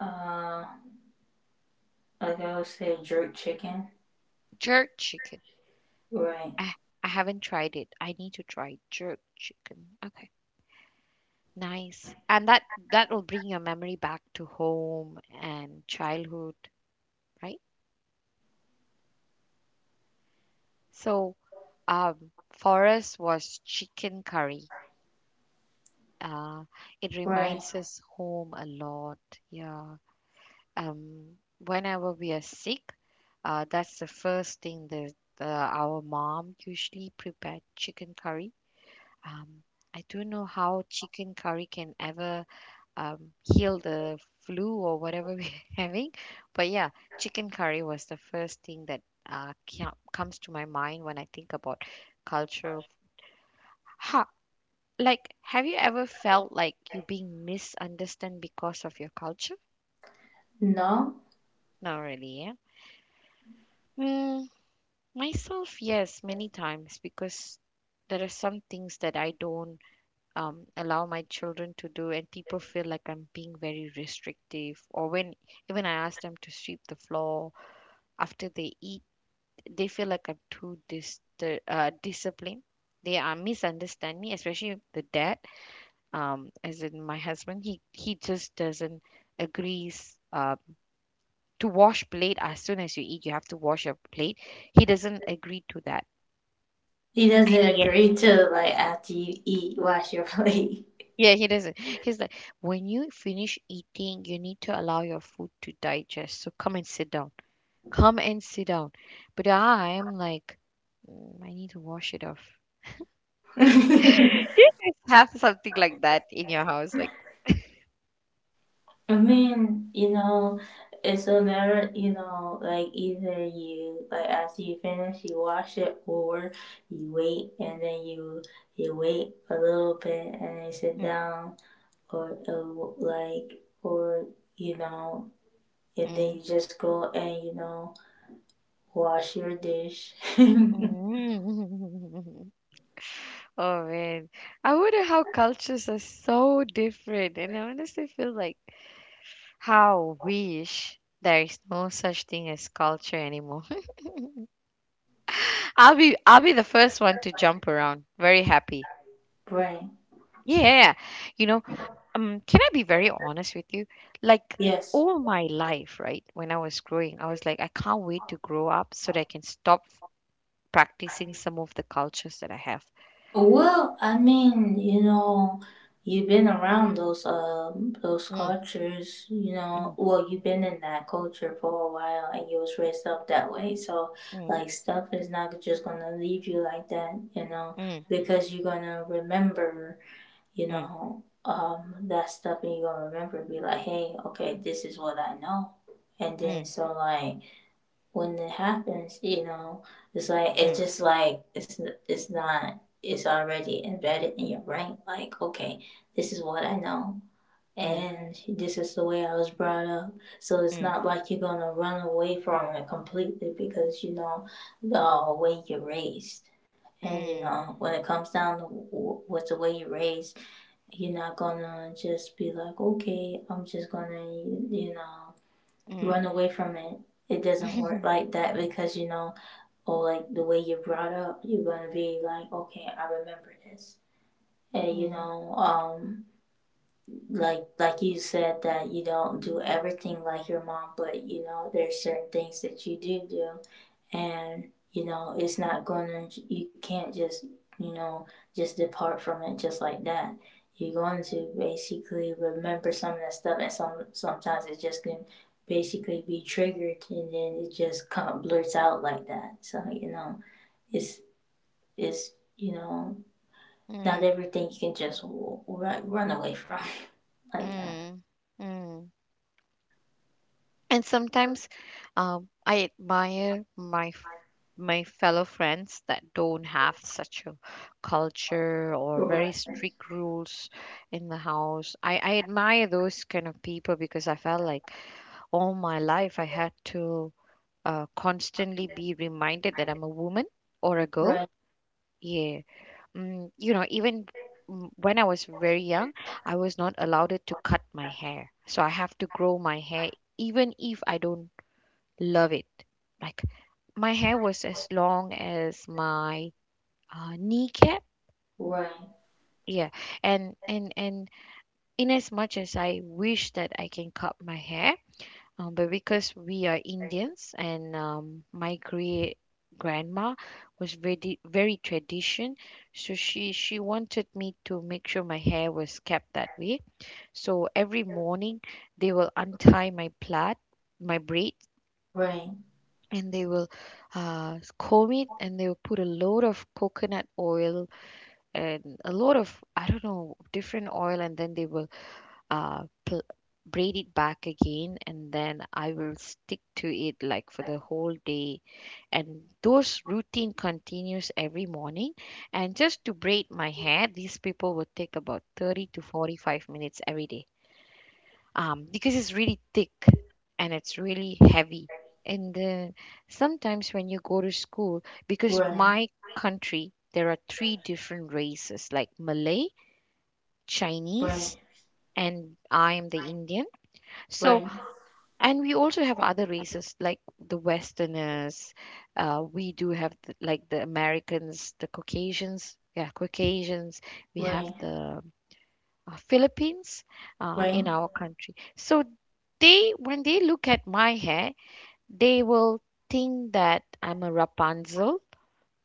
[SPEAKER 2] uh, like I would say jerk chicken.
[SPEAKER 1] jerk chicken.
[SPEAKER 2] Right.
[SPEAKER 1] Ah, I haven't tried it. I need to try jerk chicken. Okay. Nice. And that will bring your memory back to home and childhood, right? So for us was chicken curry. Uh, it
[SPEAKER 2] Right.
[SPEAKER 1] reminds us home a lot. Yeah. Whenever we are sick, that's the first thing that our mom usually prepared chicken curry. Um, I don't know how chicken curry can ever heal the flu or whatever [laughs] we're having, but yeah, chicken curry was the first thing that comes to my mind when I think about culture. Of Like, have you ever felt like you're being misunderstood because of your culture?
[SPEAKER 2] No.
[SPEAKER 1] Not really, yeah. Mm, Myself, yes, many times because there are some things that I don't allow my children to do, and people feel like I'm being very restrictive. Or when even I ask them to sweep the floor after they eat, they feel like I'm too disciplined. They are misunderstand me, especially the dad, as in my husband, he just doesn't agrees to wash plate as soon as you eat. You have to wash your plate. He doesn't agree to that,
[SPEAKER 2] He doesn't
[SPEAKER 1] and yet.
[SPEAKER 2] agree to like after you eat, wash your plate.
[SPEAKER 1] Yeah, he doesn't. He's like, when you finish eating, you need to allow your food to digest. So come and sit down. Come and sit down. But I'm like, "Mm, I need to wash it off.
[SPEAKER 2] [laughs] I
[SPEAKER 1] Do you guys have something like that in your house? Like,
[SPEAKER 2] mean, you know, it's a matter, you know, like either you like after you finish, you wash it, or you wait and then you wait a little bit and then you sit
[SPEAKER 1] mm,
[SPEAKER 2] down, or like or you know, and then
[SPEAKER 1] mm,
[SPEAKER 2] you just go and you know wash your dish. [laughs]
[SPEAKER 1] mm. [laughs] Oh man, I wonder how cultures are so different, and I honestly feel like how wish there is no such thing as culture anymore. [laughs] I'll be the first one to jump around, very happy.
[SPEAKER 2] right?
[SPEAKER 1] Yeah, you know, can I be very honest with you? Like,
[SPEAKER 2] Yes.
[SPEAKER 1] all my life, right? When I was growing, I was like, I can't wait to grow up so that I can stop practicing some of the cultures that I have.
[SPEAKER 2] Well, I mean, you know, you've been around those
[SPEAKER 1] Mm,
[SPEAKER 2] cultures, you know.
[SPEAKER 1] mm,
[SPEAKER 2] Well, you've been in that culture for a while, and you was raised up that way. So,
[SPEAKER 1] mm,
[SPEAKER 2] like, stuff is not just gonna leave you like that, you know,
[SPEAKER 1] mm,
[SPEAKER 2] because you're gonna remember, you
[SPEAKER 1] mm,
[SPEAKER 2] know, that stuff, and you're gonna remember, be like, hey, okay, this is what I know, and then
[SPEAKER 1] mm,
[SPEAKER 2] so like when it happens, you know, it's like it's
[SPEAKER 1] mm,
[SPEAKER 2] just like it's not it's already embedded in your brain. Like, okay, this is what I know,
[SPEAKER 1] mm,
[SPEAKER 2] and this is the way I was brought up. So it's
[SPEAKER 1] mm,
[SPEAKER 2] not like you're gonna run away from it completely because you know the way you're raised. And you
[SPEAKER 1] mm.
[SPEAKER 2] know, when it comes down to what's the way you're raised, you're not gonna just be like, okay, I'm just gonna, you know,
[SPEAKER 1] Mm.
[SPEAKER 2] run away from it. It doesn't
[SPEAKER 1] [laughs]
[SPEAKER 2] work like that because you know, or like the way you're brought up, you're gonna be like, okay, I remember this. And you
[SPEAKER 1] Mm.
[SPEAKER 2] know, like you said that you don't do everything like your mom, but you know, there's certain things that you do do and you know it's not going to you can't just you know just depart from it just like that you're going to basically remember some of that stuff and some sometimes it's just gonna basically be triggered and then it just kind of blurts out like that so you know it's it's you know not
[SPEAKER 1] Mm.
[SPEAKER 2] everything you can just run away from [laughs] like that
[SPEAKER 1] Mm. Mm. And sometimes I admire my fellow friends that don't have such a culture or very
[SPEAKER 2] right right
[SPEAKER 1] strict rules in the house. I admire those kind of people because I felt like all my life I had to constantly be reminded that I'm a woman or a girl.
[SPEAKER 2] right
[SPEAKER 1] Yeah. You know, even when I was very young, I was not allowed it to cut my hair. So I have to grow my hair even if I don't love it. Like my hair was as long as my kneecap.
[SPEAKER 2] right
[SPEAKER 1] Yeah, and in as much as I wish that I can cut my hair, but because we are Indians and my great grandma was very very tradition, so she wanted me to make sure my hair was kept that way. So every morning they will untie my plait, my braid,
[SPEAKER 2] right
[SPEAKER 1] and they will comb it and they will put a load of coconut oil and a lot of I don't know different oil, and then they will uh, pl- braid it back again and then I will stick to it like for the whole day. And those routine continues every morning. And just to braid my hair, these people would take about 30 to 45 minutes every day. Because it's really thick and it's really heavy. And then sometimes when you go to school, because
[SPEAKER 2] right
[SPEAKER 1] my country, there are three different races like Malay, Chinese, and I am the Indian. So,
[SPEAKER 2] right
[SPEAKER 1] and we also have other races like the Westerners. We do have like the Americans, the Caucasians. Yeah, Caucasians. We have
[SPEAKER 2] right
[SPEAKER 1] the Philippines
[SPEAKER 2] right
[SPEAKER 1] in our country. So they, when they look at my hair, they will think that I'm a Rapunzel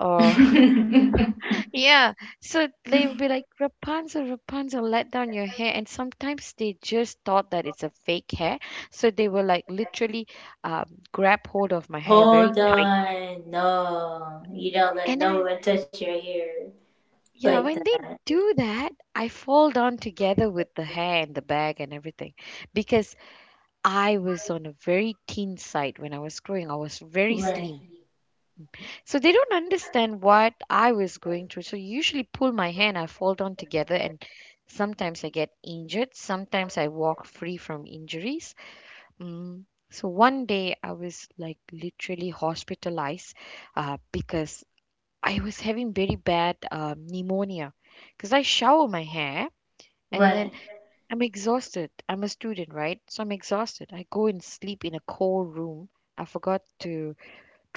[SPEAKER 1] or [laughs]
[SPEAKER 2] [laughs]
[SPEAKER 1] Yeah, so they would be like, Rapunzel, Rapunzel, let down your hair. And sometimes they just thought that it's a fake hair. So they will like literally grab hold of my hair very
[SPEAKER 2] Hold
[SPEAKER 1] tight.
[SPEAKER 2] on, no. You don't let
[SPEAKER 1] And
[SPEAKER 2] no
[SPEAKER 1] I,
[SPEAKER 2] one touch your hair
[SPEAKER 1] yeah,
[SPEAKER 2] like
[SPEAKER 1] when they
[SPEAKER 2] that.
[SPEAKER 1] do that, I fall down together with the hair and the bag and everything because I was on a very thin side when I was growing. I was very
[SPEAKER 2] Right,
[SPEAKER 1] slim. So they don't understand what I was going through. So usually pull my hand, I fall down together and sometimes I get injured. Sometimes I walk free from injuries. Mm. So one day I was like literally hospitalized because I was having very bad pneumonia because I shower my hair and then
[SPEAKER 2] right,
[SPEAKER 1] I'm exhausted. I'm a student, right? So I'm exhausted. I go and sleep in a cold room. I forgot to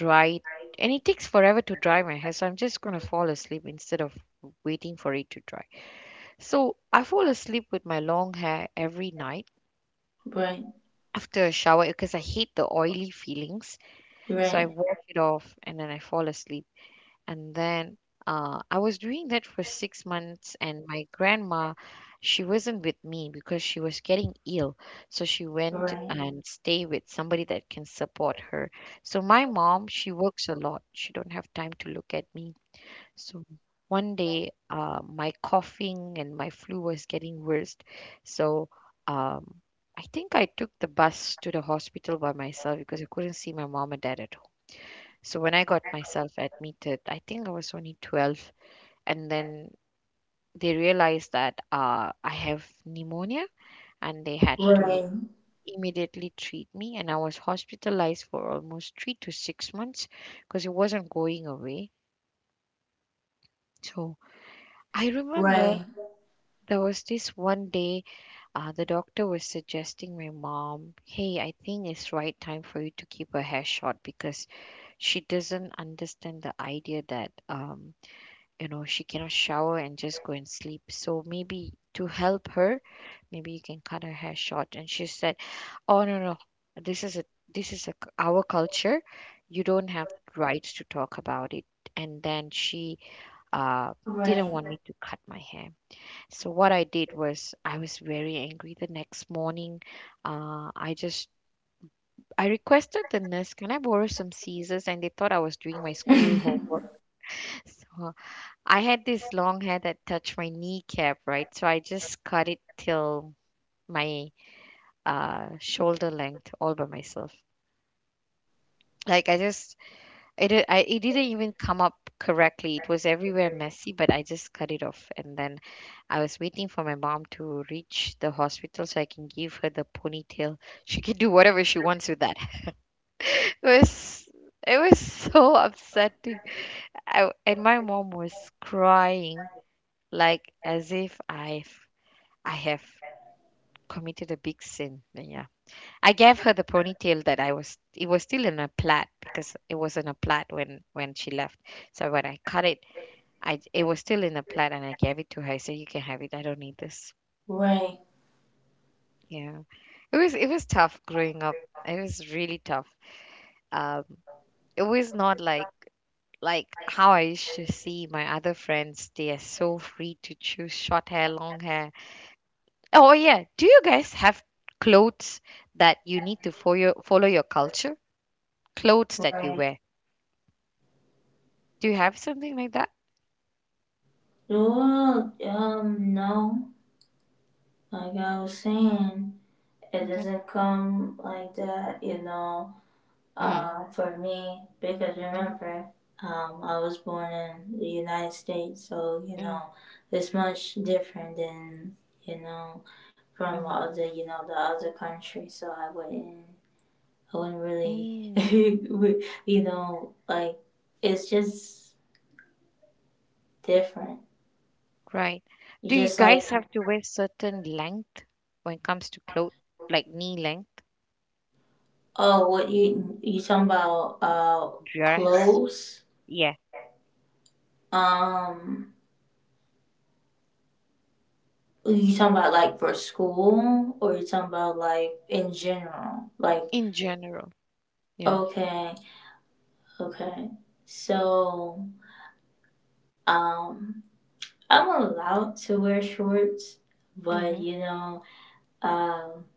[SPEAKER 1] Right. And it takes forever to dry my hair, so I'm just gonna fall asleep instead of waiting for it to dry. So I fall asleep with my long hair every night
[SPEAKER 2] right,
[SPEAKER 1] after a shower because I hate the oily feelings. So I
[SPEAKER 2] right,
[SPEAKER 1] wash it off and then I fall asleep and then I was doing that for 6 months, and my grandma, she wasn't with me because she was getting ill. So she went
[SPEAKER 2] right,
[SPEAKER 1] and stay with somebody that can support her. So my mom, she works a lot. She don't have time to look at me. So one day, my coughing and my flu was getting worse. So um, I think I took the bus to the hospital by myself because I couldn't see my mom and dad at home. So when I got myself admitted, I think I was only 12, and then they realized that I have pneumonia and they had to
[SPEAKER 2] right,
[SPEAKER 1] immediately treat me. And I was hospitalized for almost 3 to 6 months because it wasn't going away. So I remember
[SPEAKER 2] right,
[SPEAKER 1] there was this one day, the doctor was suggesting my mom, hey, I think it's right time for you to keep her hair short because she doesn't understand the idea that you know she cannot shower and just go and sleep, so maybe to help her maybe you can cut her hair short. And she said, oh no no, this is a this is a our culture, you don't have rights to talk about it. And then she uh didn't
[SPEAKER 2] right,
[SPEAKER 1] want me to cut my hair. So what I did was I was very angry the next morning. uh i just I requested the nurse, can I borrow some scissors? And they thought I was doing my school homework.
[SPEAKER 2] [laughs]
[SPEAKER 1] [laughs] So I had this long hair that touched my kneecap, right? So I just cut it till my shoulder length all by myself. Like I just, it, di- I, it didn't even come up correctly. It was everywhere messy, but I just cut it off. And then I was waiting for my mom to reach the hospital so I can give her the ponytail. She can do whatever she wants with that. [laughs] It was, it was so upsetting. And my mom was crying like as if I have committed a big sin. But yeah, I gave her the ponytail that I was. It was still in a plait because it was in a plait when she left. So when I cut it, I it was still in a plait, and I gave it to her. I said, "You can have it. I don't need this."
[SPEAKER 2] right,
[SPEAKER 1] Yeah, it was tough growing up. It was really tough. Um, it was not like how I used to see my other friends. They are so free to choose short hair, long hair. Oh yeah, do you guys have clothes that you need to follow your culture? Clothes that you
[SPEAKER 2] right.
[SPEAKER 1] wear. Do you have something like that?
[SPEAKER 2] Well, no. Like I was saying, it
[SPEAKER 1] Mm-hmm.
[SPEAKER 2] doesn't come like that, you know.
[SPEAKER 1] Mm,
[SPEAKER 2] For me, because
[SPEAKER 1] mm-hmm.
[SPEAKER 2] remember, I was born in the United States, so you
[SPEAKER 1] Mm,
[SPEAKER 2] know, it's much different than you know from
[SPEAKER 1] mm-hmm.
[SPEAKER 2] other you know the other countries. So I wouldn't really,
[SPEAKER 1] Mm.
[SPEAKER 2] [laughs] you know, like it's just different.
[SPEAKER 1] Right. Do you
[SPEAKER 2] Just like
[SPEAKER 1] guys have to wear certain length when it comes to clothes, like knee length
[SPEAKER 2] oh, what you talking about?
[SPEAKER 1] dress?
[SPEAKER 2] Clothes.
[SPEAKER 1] Yeah.
[SPEAKER 2] Um, Are you talking about like for school or are you talking about like in general? Like,
[SPEAKER 1] In general, yeah.
[SPEAKER 2] okay, okay. So, um, I'm allowed to wear shorts, but
[SPEAKER 1] Mm-hmm.
[SPEAKER 2] you know, um,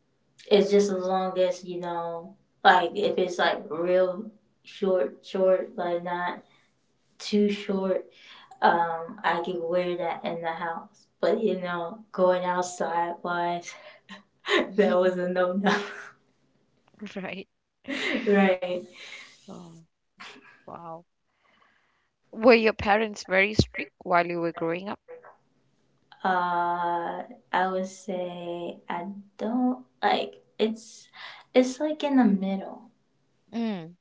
[SPEAKER 2] it's just as long as, you know, like if it's like real short, like not too short, I can wear that in the house. But you know, going outside wise, [laughs] that was
[SPEAKER 1] [laughs]
[SPEAKER 2] a no no.
[SPEAKER 1] Right.
[SPEAKER 2] [laughs] right.
[SPEAKER 1] Oh, wow. Were your parents very strict while you were growing up?
[SPEAKER 2] Uh, I would say I don't like it's like in the middle.
[SPEAKER 1] Mm,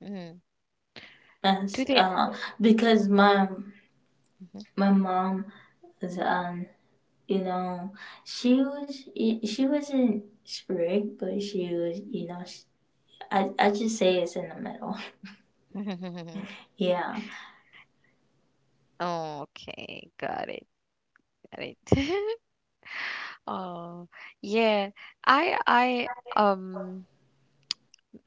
[SPEAKER 1] mm. Do
[SPEAKER 2] As,
[SPEAKER 1] they?
[SPEAKER 2] because my mom is you know she was she wasn't strict but she was you know she, I just say it's in the middle. [laughs]
[SPEAKER 1] Mm-hmm. [laughs]
[SPEAKER 2] Yeah.
[SPEAKER 1] Oh, okay, got it, got it. [laughs] Oh, yeah. I I um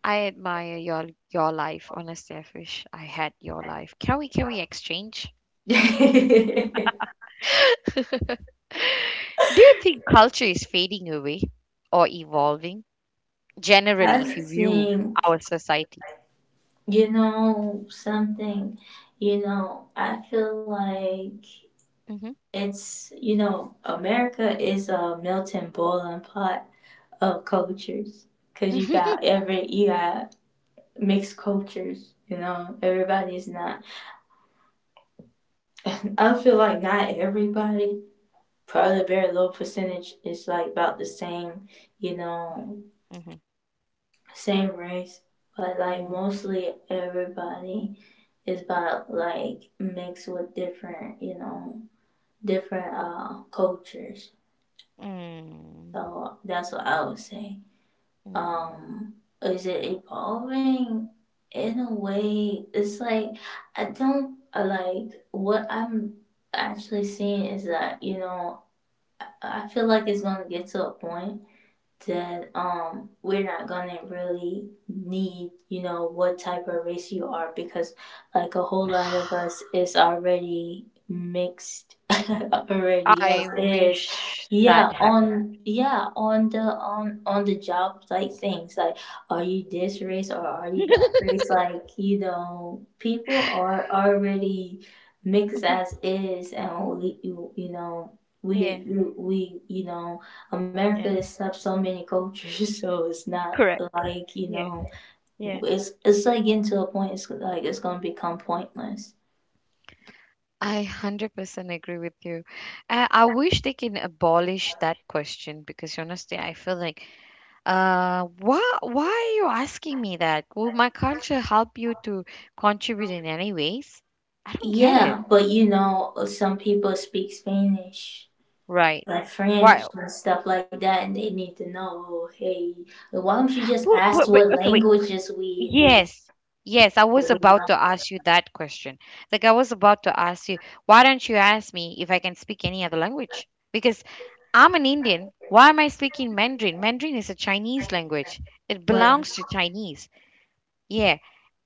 [SPEAKER 1] I admire your life. Honestly, I wish I had your life. Can we exchange?
[SPEAKER 2] [laughs]
[SPEAKER 1] [laughs] Do you think culture is fading away or evolving generally
[SPEAKER 2] I
[SPEAKER 1] if you view
[SPEAKER 2] think
[SPEAKER 1] our society?
[SPEAKER 2] you know something. You know I feel like
[SPEAKER 1] Mm-hmm.
[SPEAKER 2] it's, you know, America is a melting bowl and pot of cultures. 'Cause
[SPEAKER 1] [laughs]
[SPEAKER 2] you got mixed cultures, you know, everybody's not, [laughs] I feel like not everybody, probably a very low percentage is like about the same, you know,
[SPEAKER 1] Mm-hmm.
[SPEAKER 2] same race. But like
[SPEAKER 1] Mm,
[SPEAKER 2] mostly everybody is about like mixed with different, you know, different cultures.
[SPEAKER 1] mm,
[SPEAKER 2] So that's what I would say.
[SPEAKER 1] mm,
[SPEAKER 2] um is it evolving? In a way it's like, I don't, like what I'm actually seeing is that, you know, I feel like it's going to get to a point that we're not gonna really need, you know, what type of race you are, because like a whole
[SPEAKER 1] mm.
[SPEAKER 2] lot of
[SPEAKER 1] [sighs]
[SPEAKER 2] us is already mixed [laughs] already as
[SPEAKER 1] I
[SPEAKER 2] is.
[SPEAKER 1] wish that
[SPEAKER 2] yeah
[SPEAKER 1] happened. [laughs]
[SPEAKER 2] on yeah on the on on the job, like things like, are you this race or are you that race? Like, you know, people are already mixed
[SPEAKER 1] Mhm.
[SPEAKER 2] as is, and we you, you know
[SPEAKER 1] Yeah,
[SPEAKER 2] we, you know America
[SPEAKER 1] yeah,
[SPEAKER 2] accepts so many cultures, [laughs] so it's not
[SPEAKER 1] correct.
[SPEAKER 2] like,
[SPEAKER 1] Yeah, yeah.
[SPEAKER 2] it's like getting to a point. It's like it's gonna become pointless.
[SPEAKER 1] I 100% agree with you. I wish they can abolish that question because honestly, I feel like, why are you asking me that? Will my culture help you to contribute in any ways? I don't get it.
[SPEAKER 2] Yeah, but you know, some people speak Spanish,
[SPEAKER 1] Right.
[SPEAKER 2] like
[SPEAKER 1] Why?
[SPEAKER 2] French and stuff like that, and they need to know. Oh, hey, why don't you just
[SPEAKER 1] But,
[SPEAKER 2] ask
[SPEAKER 1] but, but
[SPEAKER 2] what
[SPEAKER 1] okay, wait.
[SPEAKER 2] languages we we
[SPEAKER 1] Yes, yes, I
[SPEAKER 2] we
[SPEAKER 1] was about
[SPEAKER 2] know?
[SPEAKER 1] to ask you that question. Like, I was about to ask you, why don't you ask me if I can speak any other language? Because I'm an Indian. Why am I speaking Mandarin? Mandarin is a Chinese language. It
[SPEAKER 2] Right.
[SPEAKER 1] belongs to Chinese. Yeah,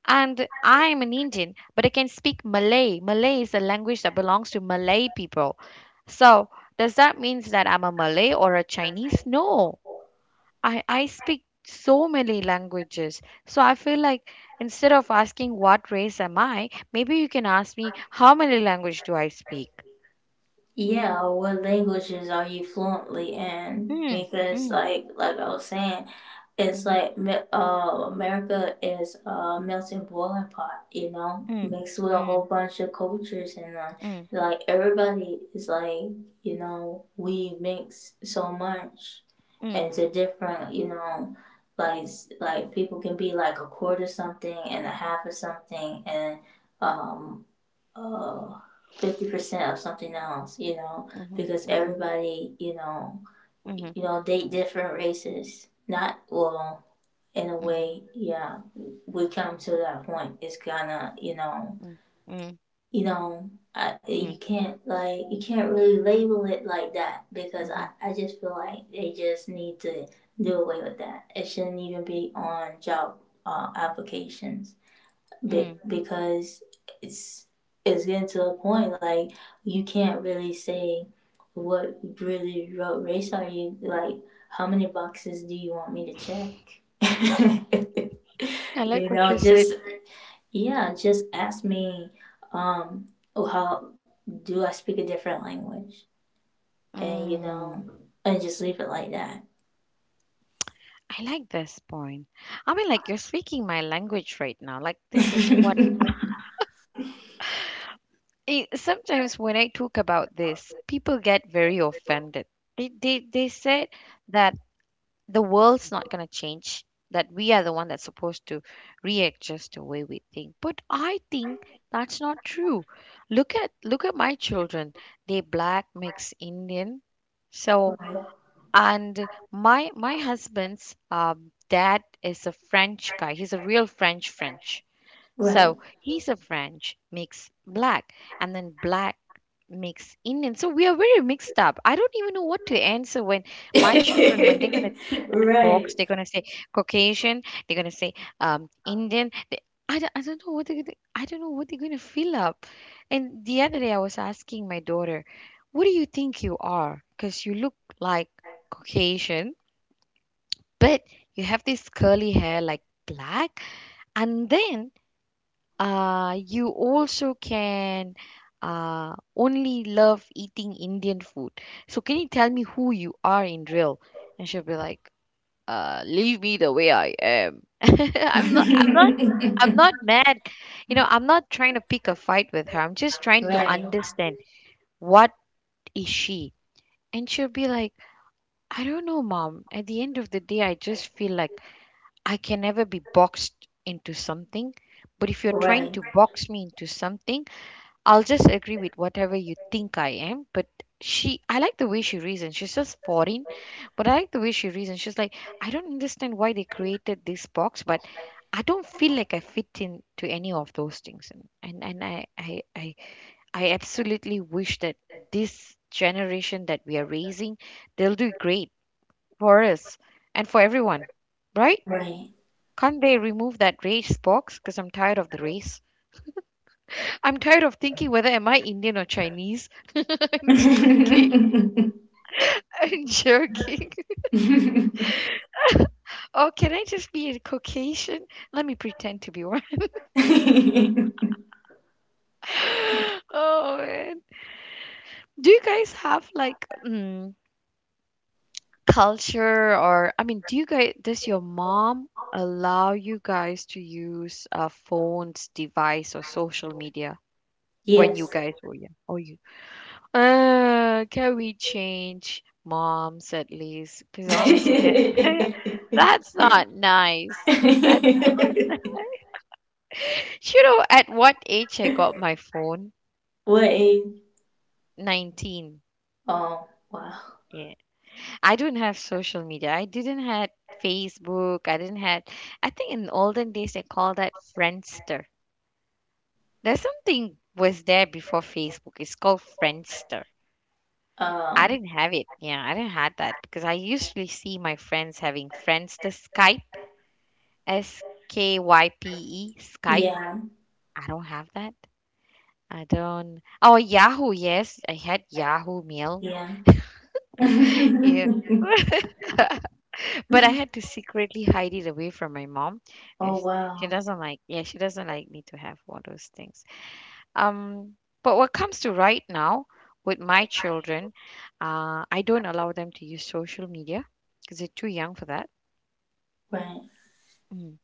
[SPEAKER 1] and I'm an Indian, but I can speak Malay. Malay is a language that belongs to Malay people. So, does that mean that I'm a Malay or a Chinese? No, I speak so many languages. So I feel like instead of asking what race am I, maybe you can ask me how many language do I speak?
[SPEAKER 2] Yeah, what languages are you fluently in?
[SPEAKER 1] Mm,
[SPEAKER 2] Because
[SPEAKER 1] mm,
[SPEAKER 2] like I was saying, it's
[SPEAKER 1] mm,
[SPEAKER 2] like America is a melting boiling pot, you know,
[SPEAKER 1] mm,
[SPEAKER 2] mixed with a
[SPEAKER 1] mm,
[SPEAKER 2] whole bunch of cultures, and
[SPEAKER 1] mm,
[SPEAKER 2] like everybody is like, you know, we mix so much
[SPEAKER 1] mm,
[SPEAKER 2] into different, you know, like like people can be like a quarter something and a half of something and um uh 50% of something else, you know,
[SPEAKER 1] mhm,
[SPEAKER 2] because
[SPEAKER 1] mhm,
[SPEAKER 2] everybody, you know,
[SPEAKER 1] mhm,
[SPEAKER 2] you know, date different races. Not well, in a
[SPEAKER 1] mhm,
[SPEAKER 2] way, yeah. We come to that point. It's gonna, you know,
[SPEAKER 1] mm,
[SPEAKER 2] you know,
[SPEAKER 1] mm,
[SPEAKER 2] you
[SPEAKER 1] mm,
[SPEAKER 2] can't, like you can't really label it like that, because
[SPEAKER 1] mhm,
[SPEAKER 2] I just feel like they just need to do away with that. It shouldn't even be on job applications
[SPEAKER 1] mm.
[SPEAKER 2] because it's it's getting to a point like you can't really say what race are you, like how many boxes do you want me to check? [laughs]
[SPEAKER 1] I like
[SPEAKER 2] You
[SPEAKER 1] what
[SPEAKER 2] know,
[SPEAKER 1] you said.
[SPEAKER 2] just, yeah, just ask me, um how do I speak a different language? And, you know,
[SPEAKER 1] Mm,
[SPEAKER 2] and just leave it like that.
[SPEAKER 1] I like this point. I mean, like you're speaking my language right now. Like this is what
[SPEAKER 2] [laughs]
[SPEAKER 1] it, sometimes when I talk about this, people get very offended. They said that the world's not going to change, that we are the one that's supposed to readjust the way we think. But I think that's not true. Look at my children. They black mix Indian. So
[SPEAKER 2] Right.
[SPEAKER 1] and my husband's dad is a French guy. He's a real French.
[SPEAKER 2] Right.
[SPEAKER 1] So he's a French mix black, and then black mix in, and so we are very mixed up. I don't even know what to answer when my children when they're gonna tick
[SPEAKER 2] [laughs]
[SPEAKER 1] that box,
[SPEAKER 2] Right.
[SPEAKER 1] they're gonna say Caucasian, they're gonna say Indian. They, I don't know what they're gonna, I don't know what they're gonna fill up. And the other day I was asking my daughter, "What do you think you are? Because you look like Caucasian, but you have this curly hair like black, and then you also can only love eating Indian food. So can you tell me who you are in real?" And she'll be like, leave me the way I am. [laughs] I'm
[SPEAKER 2] [laughs]
[SPEAKER 1] not mad. You know, I'm not trying to pick a fight with her. I'm just trying to
[SPEAKER 2] Right.
[SPEAKER 1] understand what is she. And she'll be like, I don't know, mom. At the end of the day, I just feel like I can never be boxed into something. But if you're trying
[SPEAKER 2] Right.
[SPEAKER 1] to box me into something, I'll just agree with whatever you think I am, but she I like the way she reasons. She's just foreign, but I like the way she reasons. She's like, I don't understand why they created this box, but I don't feel like I fit into any of those things. And I absolutely wish that this generation that we are raising, they'll do great for us and for everyone. Right?
[SPEAKER 2] Right.
[SPEAKER 1] Can't they remove that race box? Because I'm tired of the race. I'm tired of thinking whether am I Indian or Chinese. [laughs] I'm just kidding.
[SPEAKER 2] [laughs]
[SPEAKER 1] I'm joking. [laughs] Or can I just be a Caucasian? Let me pretend to be one. [laughs] Oh man. Do you guys have like culture or I mean, do you guys does your mom allow you guys to use a phone's device or social media when you
[SPEAKER 2] Yes.
[SPEAKER 1] guys were young? Oh, you can we change moms at least? Because honestly, that
[SPEAKER 2] [laughs]
[SPEAKER 1] [laughs] that's not nice. That's not nice. [laughs] You know, at what age I got my phone?
[SPEAKER 2] What age?
[SPEAKER 1] 19.
[SPEAKER 2] Oh, wow.
[SPEAKER 1] Yeah. I don't have social media. I didn't had Facebook. I didn't had I think in olden days they call that Friendster. There's something was there before Facebook. It's called Friendster. I
[SPEAKER 2] Um,
[SPEAKER 1] didn't have it. Yeah, I didn't have that because I usually see my friends having friends to Skype, S K Y P E, Skype.
[SPEAKER 2] yeah,
[SPEAKER 1] I don't have that. I don't. Oh, Yahoo, yes. I had Yahoo Mail.
[SPEAKER 2] yeah.
[SPEAKER 1] Yeah. [laughs] But I had to secretly hide it away from my mom.
[SPEAKER 2] [laughs]
[SPEAKER 1] And
[SPEAKER 2] Oh,
[SPEAKER 1] she
[SPEAKER 2] wow.
[SPEAKER 1] doesn't like, yeah, she doesn't like me to have all those things. Um, but what comes to right now with my children, I don't allow them to use social media because they're too young for that.
[SPEAKER 2] Right.
[SPEAKER 1] Mm.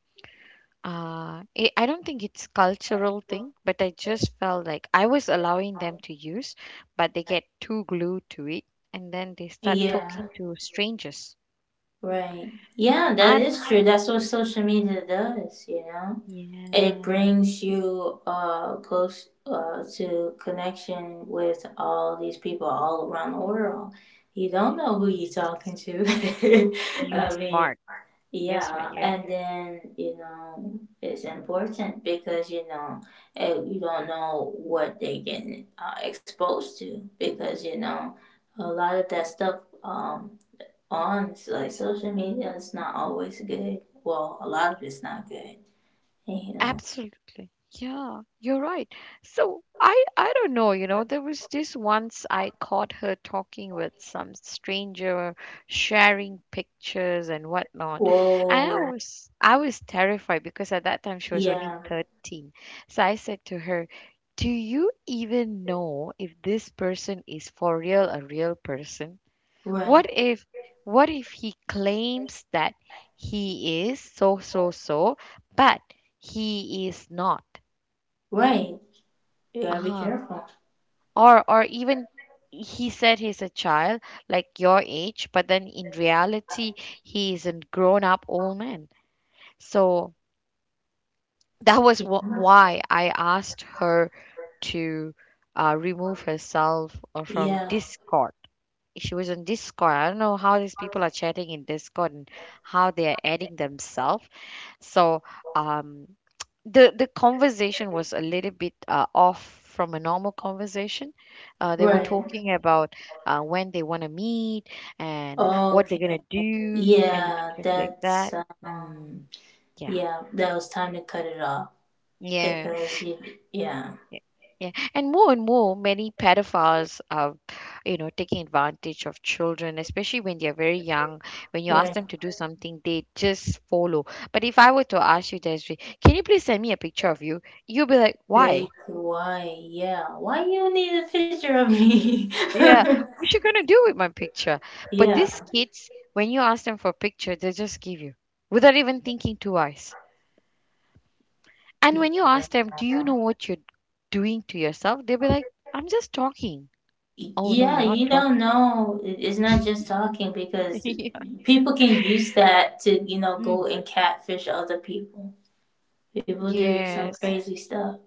[SPEAKER 1] I don't think it's cultural thing, but I just felt like I was allowing them to use, but they get too glued to it, and then they start
[SPEAKER 2] Yeah,
[SPEAKER 1] talking to strangers.
[SPEAKER 2] right. Yeah, that is true.
[SPEAKER 1] And
[SPEAKER 2] That's what social media does, you know? It
[SPEAKER 1] yeah,
[SPEAKER 2] brings you close to connection with all these people all around the world. You don't know who you're
[SPEAKER 1] yes,
[SPEAKER 2] talking to. [laughs]
[SPEAKER 1] you're
[SPEAKER 2] I mean,
[SPEAKER 1] smart. Yes, my
[SPEAKER 2] yeah,
[SPEAKER 1] yeah.
[SPEAKER 2] and then you know it's important because you know you don't know what they get exposed to because you know a lot of that stuff um on like social media is not always good. Well, a lot of it's not good, and you know.
[SPEAKER 1] Absolutely. Yeah, you're right. So I don't know, you know, there was this once I caught her talking with some stranger, sharing pictures and whatnot. And
[SPEAKER 2] Whoa.
[SPEAKER 1] I was terrified because at that time she was only
[SPEAKER 2] Yeah.
[SPEAKER 1] 13. So I said to her, "Do you even know if this person is for real a real person? What
[SPEAKER 2] Right.
[SPEAKER 1] if what if he claims that he is so so so but he is not?
[SPEAKER 2] Right. You gotta be
[SPEAKER 1] Ah,
[SPEAKER 2] careful.
[SPEAKER 1] or even he said he's a child like your age, but then in reality he is a grown up old man." So that
[SPEAKER 2] Yeah.
[SPEAKER 1] was why I asked her to remove herself from
[SPEAKER 2] Yeah.
[SPEAKER 1] Discord. She was on Discord. I don't know how these people are chatting in Discord and how they are adding themselves. So um, the conversation was a little bit off from a normal conversation. They were
[SPEAKER 2] Right.
[SPEAKER 1] talking about when they want to meet and what they're
[SPEAKER 2] Okay.
[SPEAKER 1] gonna do and
[SPEAKER 2] Yeah,
[SPEAKER 1] stuff like
[SPEAKER 2] that's
[SPEAKER 1] that.
[SPEAKER 2] um
[SPEAKER 1] Mm, yeah.
[SPEAKER 2] yeah, that was time to cut it off
[SPEAKER 1] Yeah.
[SPEAKER 2] because you yeah.
[SPEAKER 1] Yeah, yeah, and more, many pedophiles are, you know, taking advantage of children, especially when they're very young. When you ask
[SPEAKER 2] Right.
[SPEAKER 1] them to do something, they just follow. But if I were to ask you, Desiree, can you please send me a picture of you? You'll be like,
[SPEAKER 2] Like
[SPEAKER 1] why?
[SPEAKER 2] why? Yeah. Why you need a picture of me?
[SPEAKER 1] Yeah, what you gonna do with my picture? But
[SPEAKER 2] [laughs]
[SPEAKER 1] these kids, when you ask them for a picture, they just give you without even thinking twice. And
[SPEAKER 2] Yeah.
[SPEAKER 1] when you ask them, do you know what you're doing to yourself? They'll be like, I'm just talking. Oh no,
[SPEAKER 2] Yeah,
[SPEAKER 1] you're not
[SPEAKER 2] you
[SPEAKER 1] talking.
[SPEAKER 2] don't know. It's not just talking
[SPEAKER 1] [laughs]
[SPEAKER 2] because
[SPEAKER 1] Yeah.
[SPEAKER 2] people can use that to, you know, go
[SPEAKER 1] Mm.
[SPEAKER 2] and catfish other people. People do some
[SPEAKER 1] Yes.
[SPEAKER 2] crazy stuff.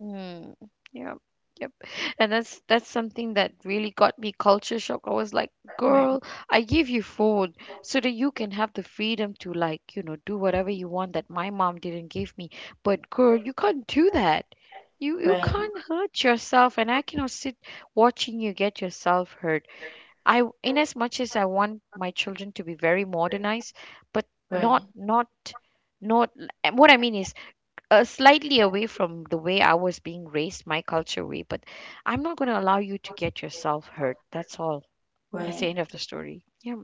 [SPEAKER 1] Mm. Yep. Yep. And that's something that really got me culture shock. I was like,
[SPEAKER 2] Right,
[SPEAKER 1] girl, I give you food so that you can have the freedom to like, you know, do whatever you want that my mom didn't give me. But girl, you can't do that. You
[SPEAKER 2] right,
[SPEAKER 1] can't hurt yourself and I cannot sit watching you get yourself hurt. I in as much as I want my children to be very modernized, but not
[SPEAKER 2] right,
[SPEAKER 1] not not and what I mean is slightly away from the way I was being raised, my culture way, but I'm not going to allow you to get yourself hurt. That's all. That's the
[SPEAKER 2] right.
[SPEAKER 1] end of the story. Yeah.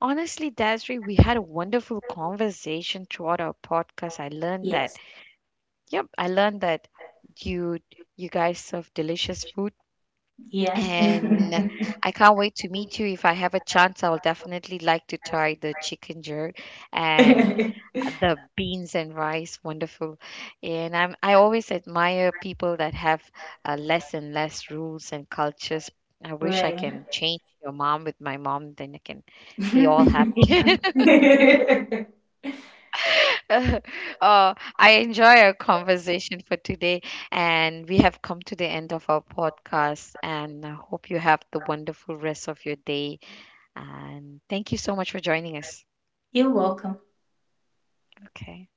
[SPEAKER 1] Honestly, Desiree, we had a wonderful conversation throughout our podcast. I learned that.
[SPEAKER 2] Yes,
[SPEAKER 1] Yep, I learned that you you guys serve delicious food,
[SPEAKER 2] yeah.
[SPEAKER 1] and I can't wait to meet you. If I have a chance, I will definitely like to try the chicken jerk and
[SPEAKER 2] [laughs]
[SPEAKER 1] the beans and rice wonderful. And I'm I always admire people that have less and less rules and cultures. I wish I
[SPEAKER 2] Right.
[SPEAKER 1] can change your mom with my mom, then I can be all happy.
[SPEAKER 2] [laughs]
[SPEAKER 1] [laughs] I enjoy our conversation for today, and we have come to the end of our podcast, and I hope you have the wonderful rest of your day, and thank you so much for joining us.
[SPEAKER 2] You're welcome.
[SPEAKER 1] Okay.